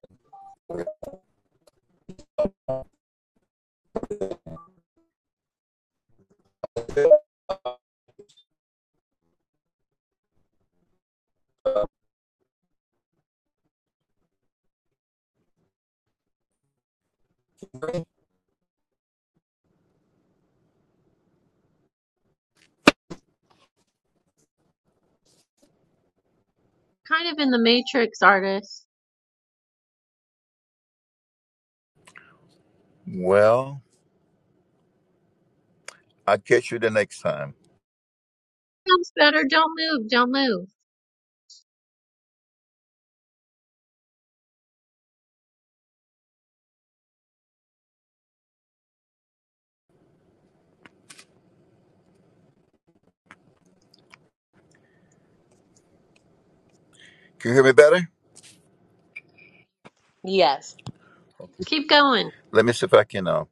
Speaker 1: kind of in the Matrix, artist.
Speaker 12: Well, I'll catch you the next time.
Speaker 1: Sounds better. Don't move. Don't move.
Speaker 12: Can you hear me better? Okay.
Speaker 1: Keep going.
Speaker 12: Let me see if I can uh,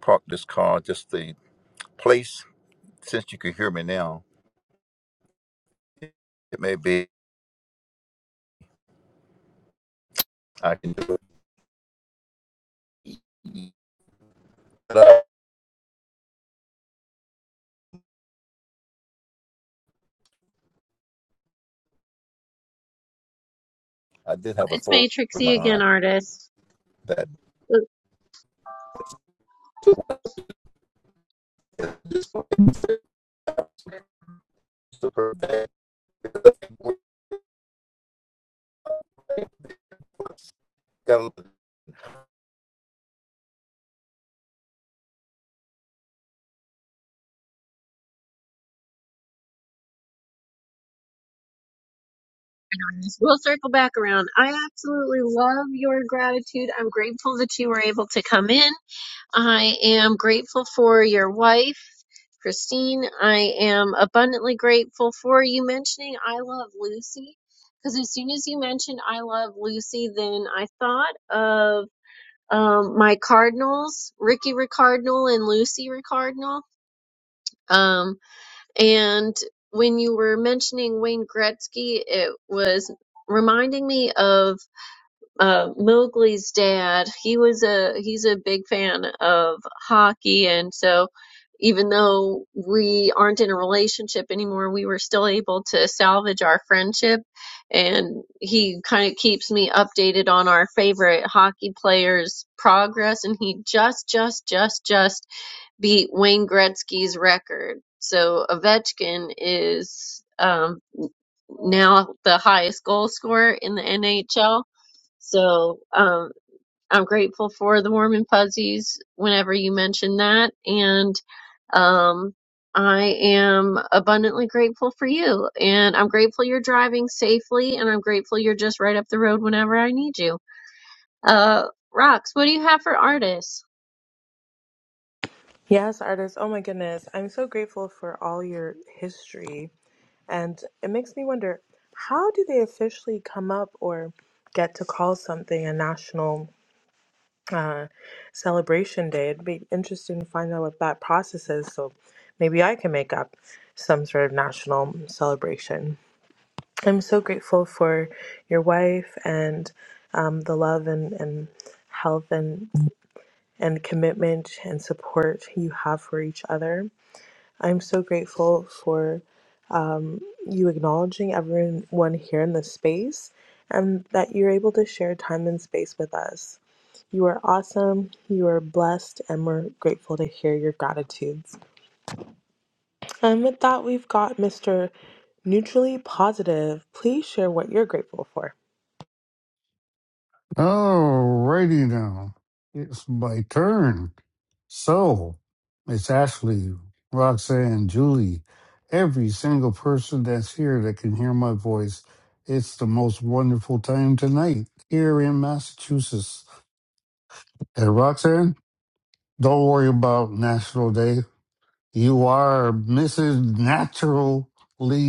Speaker 12: park this car just the place. Since you can hear me now, it may be I can do it. But I, I did have a
Speaker 1: It's
Speaker 12: thought in my
Speaker 1: Matrixy again,
Speaker 12: mind
Speaker 1: artist.
Speaker 12: that super bad. Got a
Speaker 1: We'll circle back around. I absolutely love your gratitude. I'm grateful that you were able to come in. I am grateful for your wife, Christine. I am abundantly grateful for you mentioning I love Lucy. Because as soon as you mentioned I love Lucy, then I thought of um, my Cardinals, Ricky Ricardinal and Lucy Ricardinal. Um, and when you were mentioning Wayne Gretzky, it was reminding me of uh, Mowgli's dad, he was a he's a big fan of hockey, and so even though we aren't in a relationship anymore, we were still able to salvage our friendship. And he kind of keeps me updated on our favorite hockey players' progress, and he just just just just beat Wayne Gretzky's record. So Ovechkin is um, now the highest goal scorer in the NHL so um, I'm grateful for the warm and fuzzies whenever you mention that. And um, I am abundantly grateful for you. And I'm grateful you're driving safely. And I'm grateful you're just right up the road whenever I need you. Uh, Rox, what do you have for artists?
Speaker 3: Yes, artist. Oh my goodness. I'm so grateful for all your history. And it makes me wonder how do they officially come up or get to call something a national uh, celebration day? It'd be interesting to find out what that process is. So maybe I can make up some sort of national celebration. I'm so grateful for your wife and um, the love and, and health and, and commitment and support you have for each other. I'm so grateful for um, you acknowledging everyone here in this space and that you're able to share time and space with us. You are awesome, you are blessed, and we're grateful to hear your gratitudes. And with that, we've got Mr. Neutrally Positive. Please share what you're grateful for.
Speaker 13: Alrighty now. It's my turn. So it's Ashley, Roxanne, Julie, every single person that's here that can hear my voice. It's the most wonderful time tonight here in Massachusetts. And Roxanne, don't worry about National Day. You are Mrs. Naturally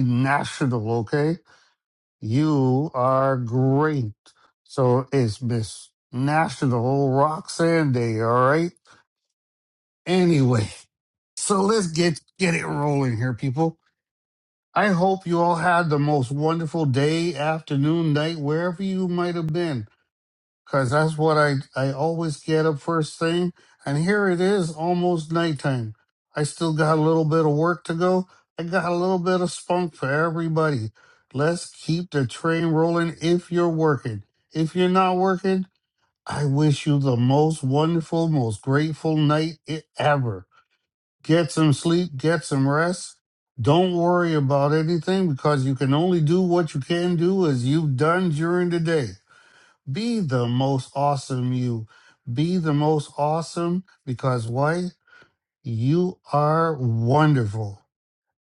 Speaker 13: National, okay? You are great. So it's Miss National Roxanne Day, all right? Anyway, [LAUGHS] so let's get get it rolling here, people. I hope you all had the most wonderful day, afternoon, night, wherever you might have been because that's what I, I always get up first thing. And here it is, almost nighttime. I still got a little bit of work to go. I got a little bit of spunk for everybody. Let's keep the train rolling if you're working. If you're not working, I wish you the most wonderful, most grateful night i- ever. Get some sleep, get some rest. Don't worry about anything because you can only do what you can do as you've done during the day. Be the most awesome you. Be the most awesome because why? You are wonderful.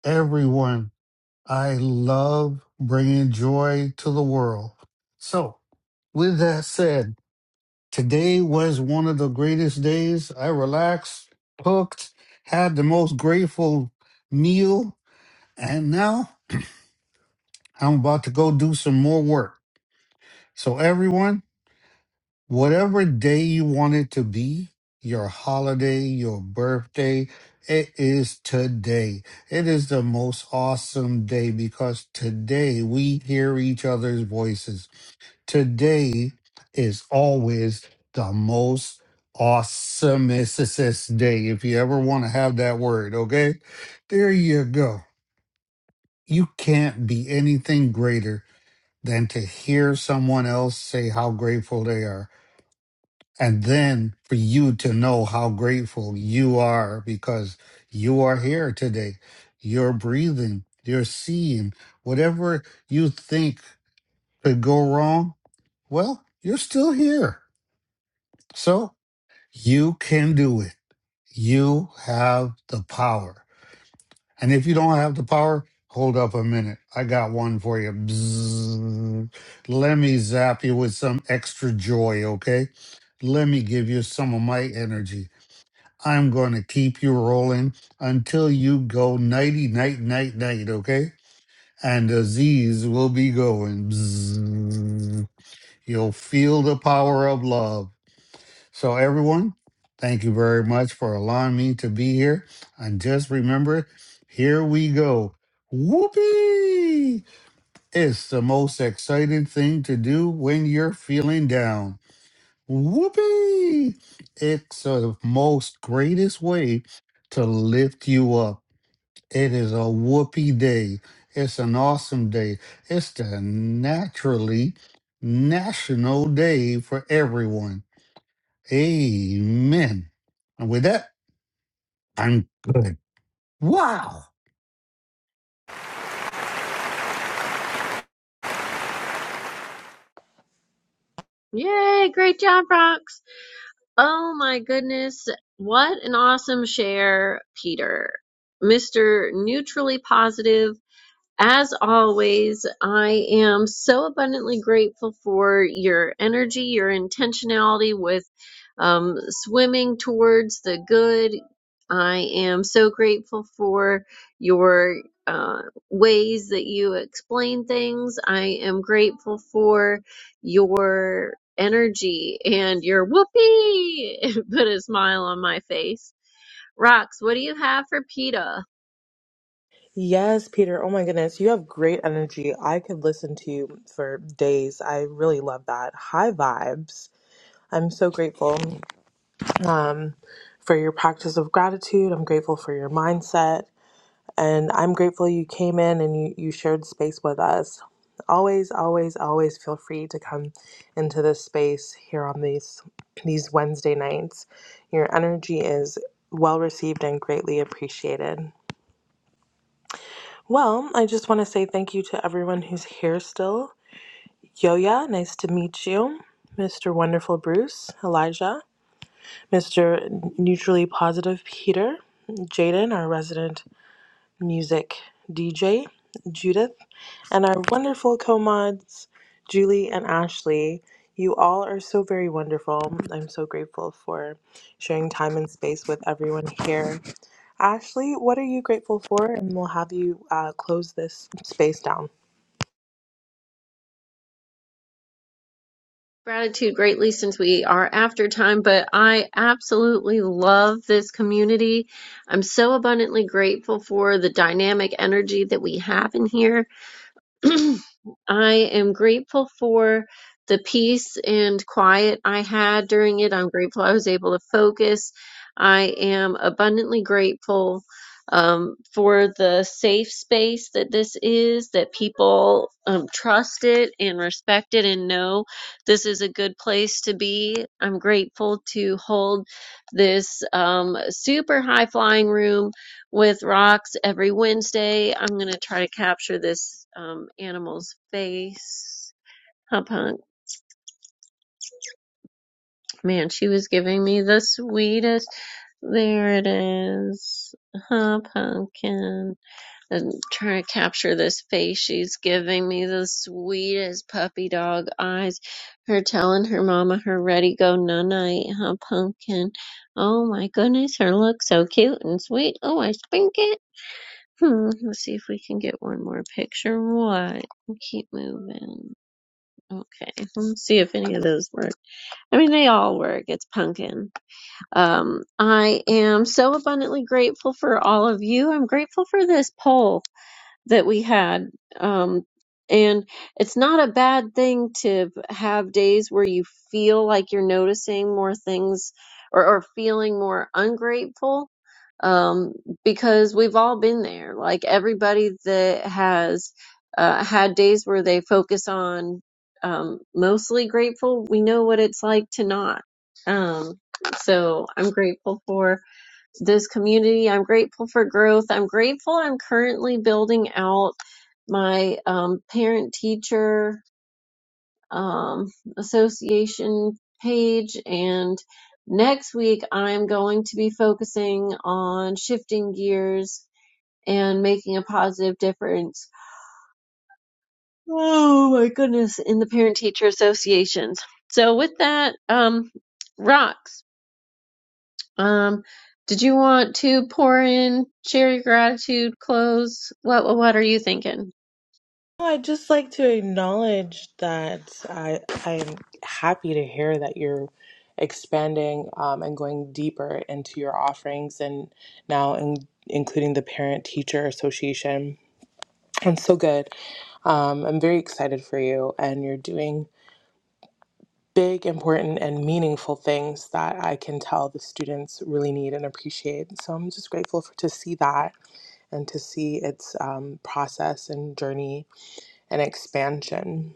Speaker 13: Everyone, I love bringing joy to the world. So, with that said, today was one of the greatest days. I relaxed, cooked, had the most grateful meal, and now I'm about to go do some more work. So, everyone, whatever day you want it to be, your holiday, your birthday, it is today. It is the most awesome day because today we hear each other's voices. Today is always the most awesomest day, if you ever want to have that word, okay? There you go. You can't be anything greater than to hear someone else say how grateful they are and then for you to know how grateful you are because you are here today. You're breathing, you're seeing. Whatever you think could go wrong, well, you're still here. So you can do it. You have the power. And if you don't have the power, hold up a minute. I got one for you. Bzzz. Let me zap you with some extra joy, okay? Let me give you some of my energy I'm going to keep you rolling until you go nighty, night, night, night, okay? And the Z's will be going. bzzz. You'll feel the power of love. So, everyone, thank you very much for allowing me to be here. And just remember, here we go. Whoopee! It's the most exciting thing to do when you're feeling down. Whoopee! It's the most greatest way to lift you up. It is a whoopee day. It's an awesome day. It's the naturally national day for everyone. Amen. And with that, I'm good. Wow.
Speaker 1: Yay, great job, Rox. Oh my goodness. What an awesome share, Peter. Mr. Neutrally Positive As always, I am so abundantly grateful for your energy, your intentionality with um, swimming towards the good. I am so grateful for your uh, ways that you explain things. I am grateful for your energy and your whoopee. [LAUGHS] Put a smile on my face. Rox, what do you have for PETA?
Speaker 3: Yes, Peter. Oh my goodness. You have great energy. I could listen to you for days. I really love that. High vibes. I'm so grateful um, for your practice of gratitude. I'm grateful for your mindset. And I'm grateful you came in and you, you shared space with us. Always, always, always feel free to come into this space here on these these Wednesday nights. Your energy is well received and greatly appreciated. Well, I just want to say thank you to everyone who's here still. Yoya, nice to meet you. Mr. Wonderful Bruce, Elijah, Mr. Neutrally Positive Peter, Jaden, our resident music DJ, Judith, and our wonderful co mods, Julie and Ashley. You all are so very wonderful. I'm so grateful for sharing time and space with everyone here. Ashley, what are you grateful for? And we'll have you uh, close this space down.
Speaker 1: gratitude greatly since we are after time, but I absolutely love this community. I'm so abundantly grateful for the dynamic energy that we have in here. [CLEARS THROAT] I am grateful for the peace and quiet I had during it. I'm grateful I was able to focus. I am abundantly grateful um, for the safe space that this is, that people um, trust it and respect it and know this is a good place to be. I'm grateful to hold this um, super high flying room with rocks every Wednesday. I'm gonna try to capture this um, animal's face. Hop Hunk, man, she was giving me the sweetest. There it is. Hop Hunkin. am trying to capture this face. She's giving me the sweetest puppy dog eyes. Her telling her mama her ready go no night. Hop Hunkin. Oh my goodness, her looks so cute and sweet. Oh, I spink it. Hmm, let's see if we can get one more picture. What? Keep moving. Okay, let's see if any of those work. I mean, they all work. It's pumpkin. Um, I am so abundantly grateful for all of you. I'm grateful for this poll that we had. Um, and it's not a bad thing to have days where you feel like you're noticing more things or, or feeling more ungrateful. Um, because we've all been there. Like everybody that has uh, had days where they focus on um, mostly grateful, we know what it's like to not. Um, so I'm grateful for this community. I'm grateful for growth. I'm grateful I'm currently building out my um, parent teacher um, association page. And next week, I'm going to be focusing on shifting gears and making a positive difference. Oh my goodness, in the parent teacher associations. So, with that, um, rocks. Um, did you want to pour in, share your gratitude, close? What what what are you thinking?
Speaker 3: Well, I'd just like to acknowledge that I I'm happy to hear that you're expanding um, and going deeper into your offerings and now in, including the Parent Teacher Association. And so good. Um, I'm very excited for you, and you're doing big, important, and meaningful things that I can tell the students really need and appreciate. So I'm just grateful for, to see that and to see its um, process and journey and expansion.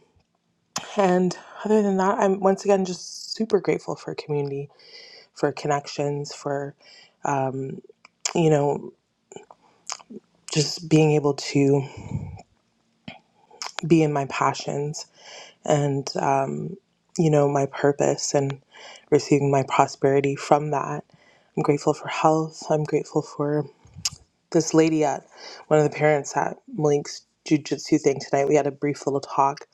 Speaker 3: And other than that, I'm once again just super grateful for community, for connections, for, um, you know, just being able to be in my passions and, um, you know, my purpose and receiving my prosperity from that. I'm grateful for health. I'm grateful for this lady at one of the parents at Malik's jujitsu thing tonight. We had a brief little talk,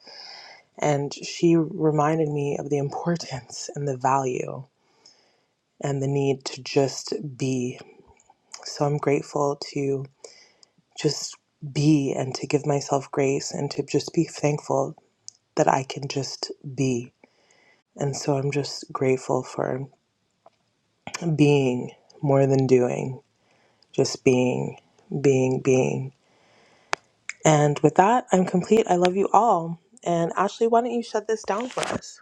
Speaker 3: and she reminded me of the importance and the value and the need to just be. So I'm grateful to just be and to give myself grace and to just be thankful that I can just be. And so I'm just grateful for being more than doing, just being, being, being. And with that, I'm complete. I love you all. And Ashley, why don't you shut this down for us?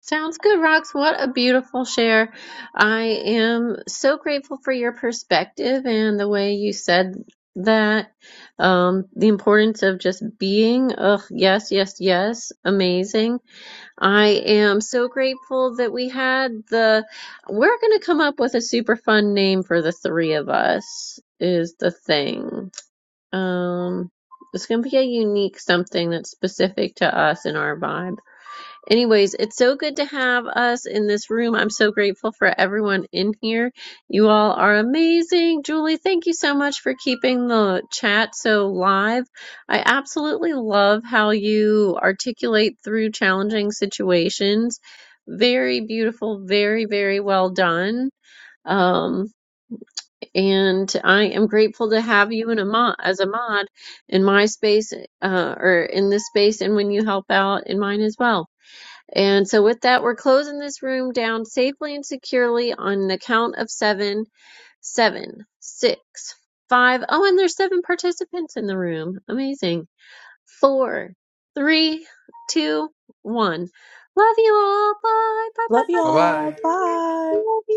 Speaker 1: Sounds good, Rox. What a beautiful share. I am so grateful for your perspective and the way you said that. Um, the importance of just being. Ugh, yes, yes, yes. Amazing. I am so grateful that we had the. We're gonna come up with a super fun name for the three of us. Is the thing. Um, it's going to be a unique something that's specific to us and our vibe. Anyways, it's so good to have us in this room. I'm so grateful for everyone in here. You all are amazing. Julie, thank you so much for keeping the chat so live. I absolutely love how you articulate through challenging situations. Very beautiful, very, very well done. Um, and I am grateful to have you in a mod as a mod in my space uh, or in this space, and when you help out in mine as well. And so, with that, we're closing this room down safely and securely on the count of seven, seven, six, five. Oh, and there's seven participants in the room. Amazing. Four, three, two, one. Love you all. Bye. Bye. Bye.
Speaker 3: Love
Speaker 1: Bye.
Speaker 9: Bye
Speaker 1: bye.
Speaker 9: bye.
Speaker 3: y'all. Bye.
Speaker 1: Love you.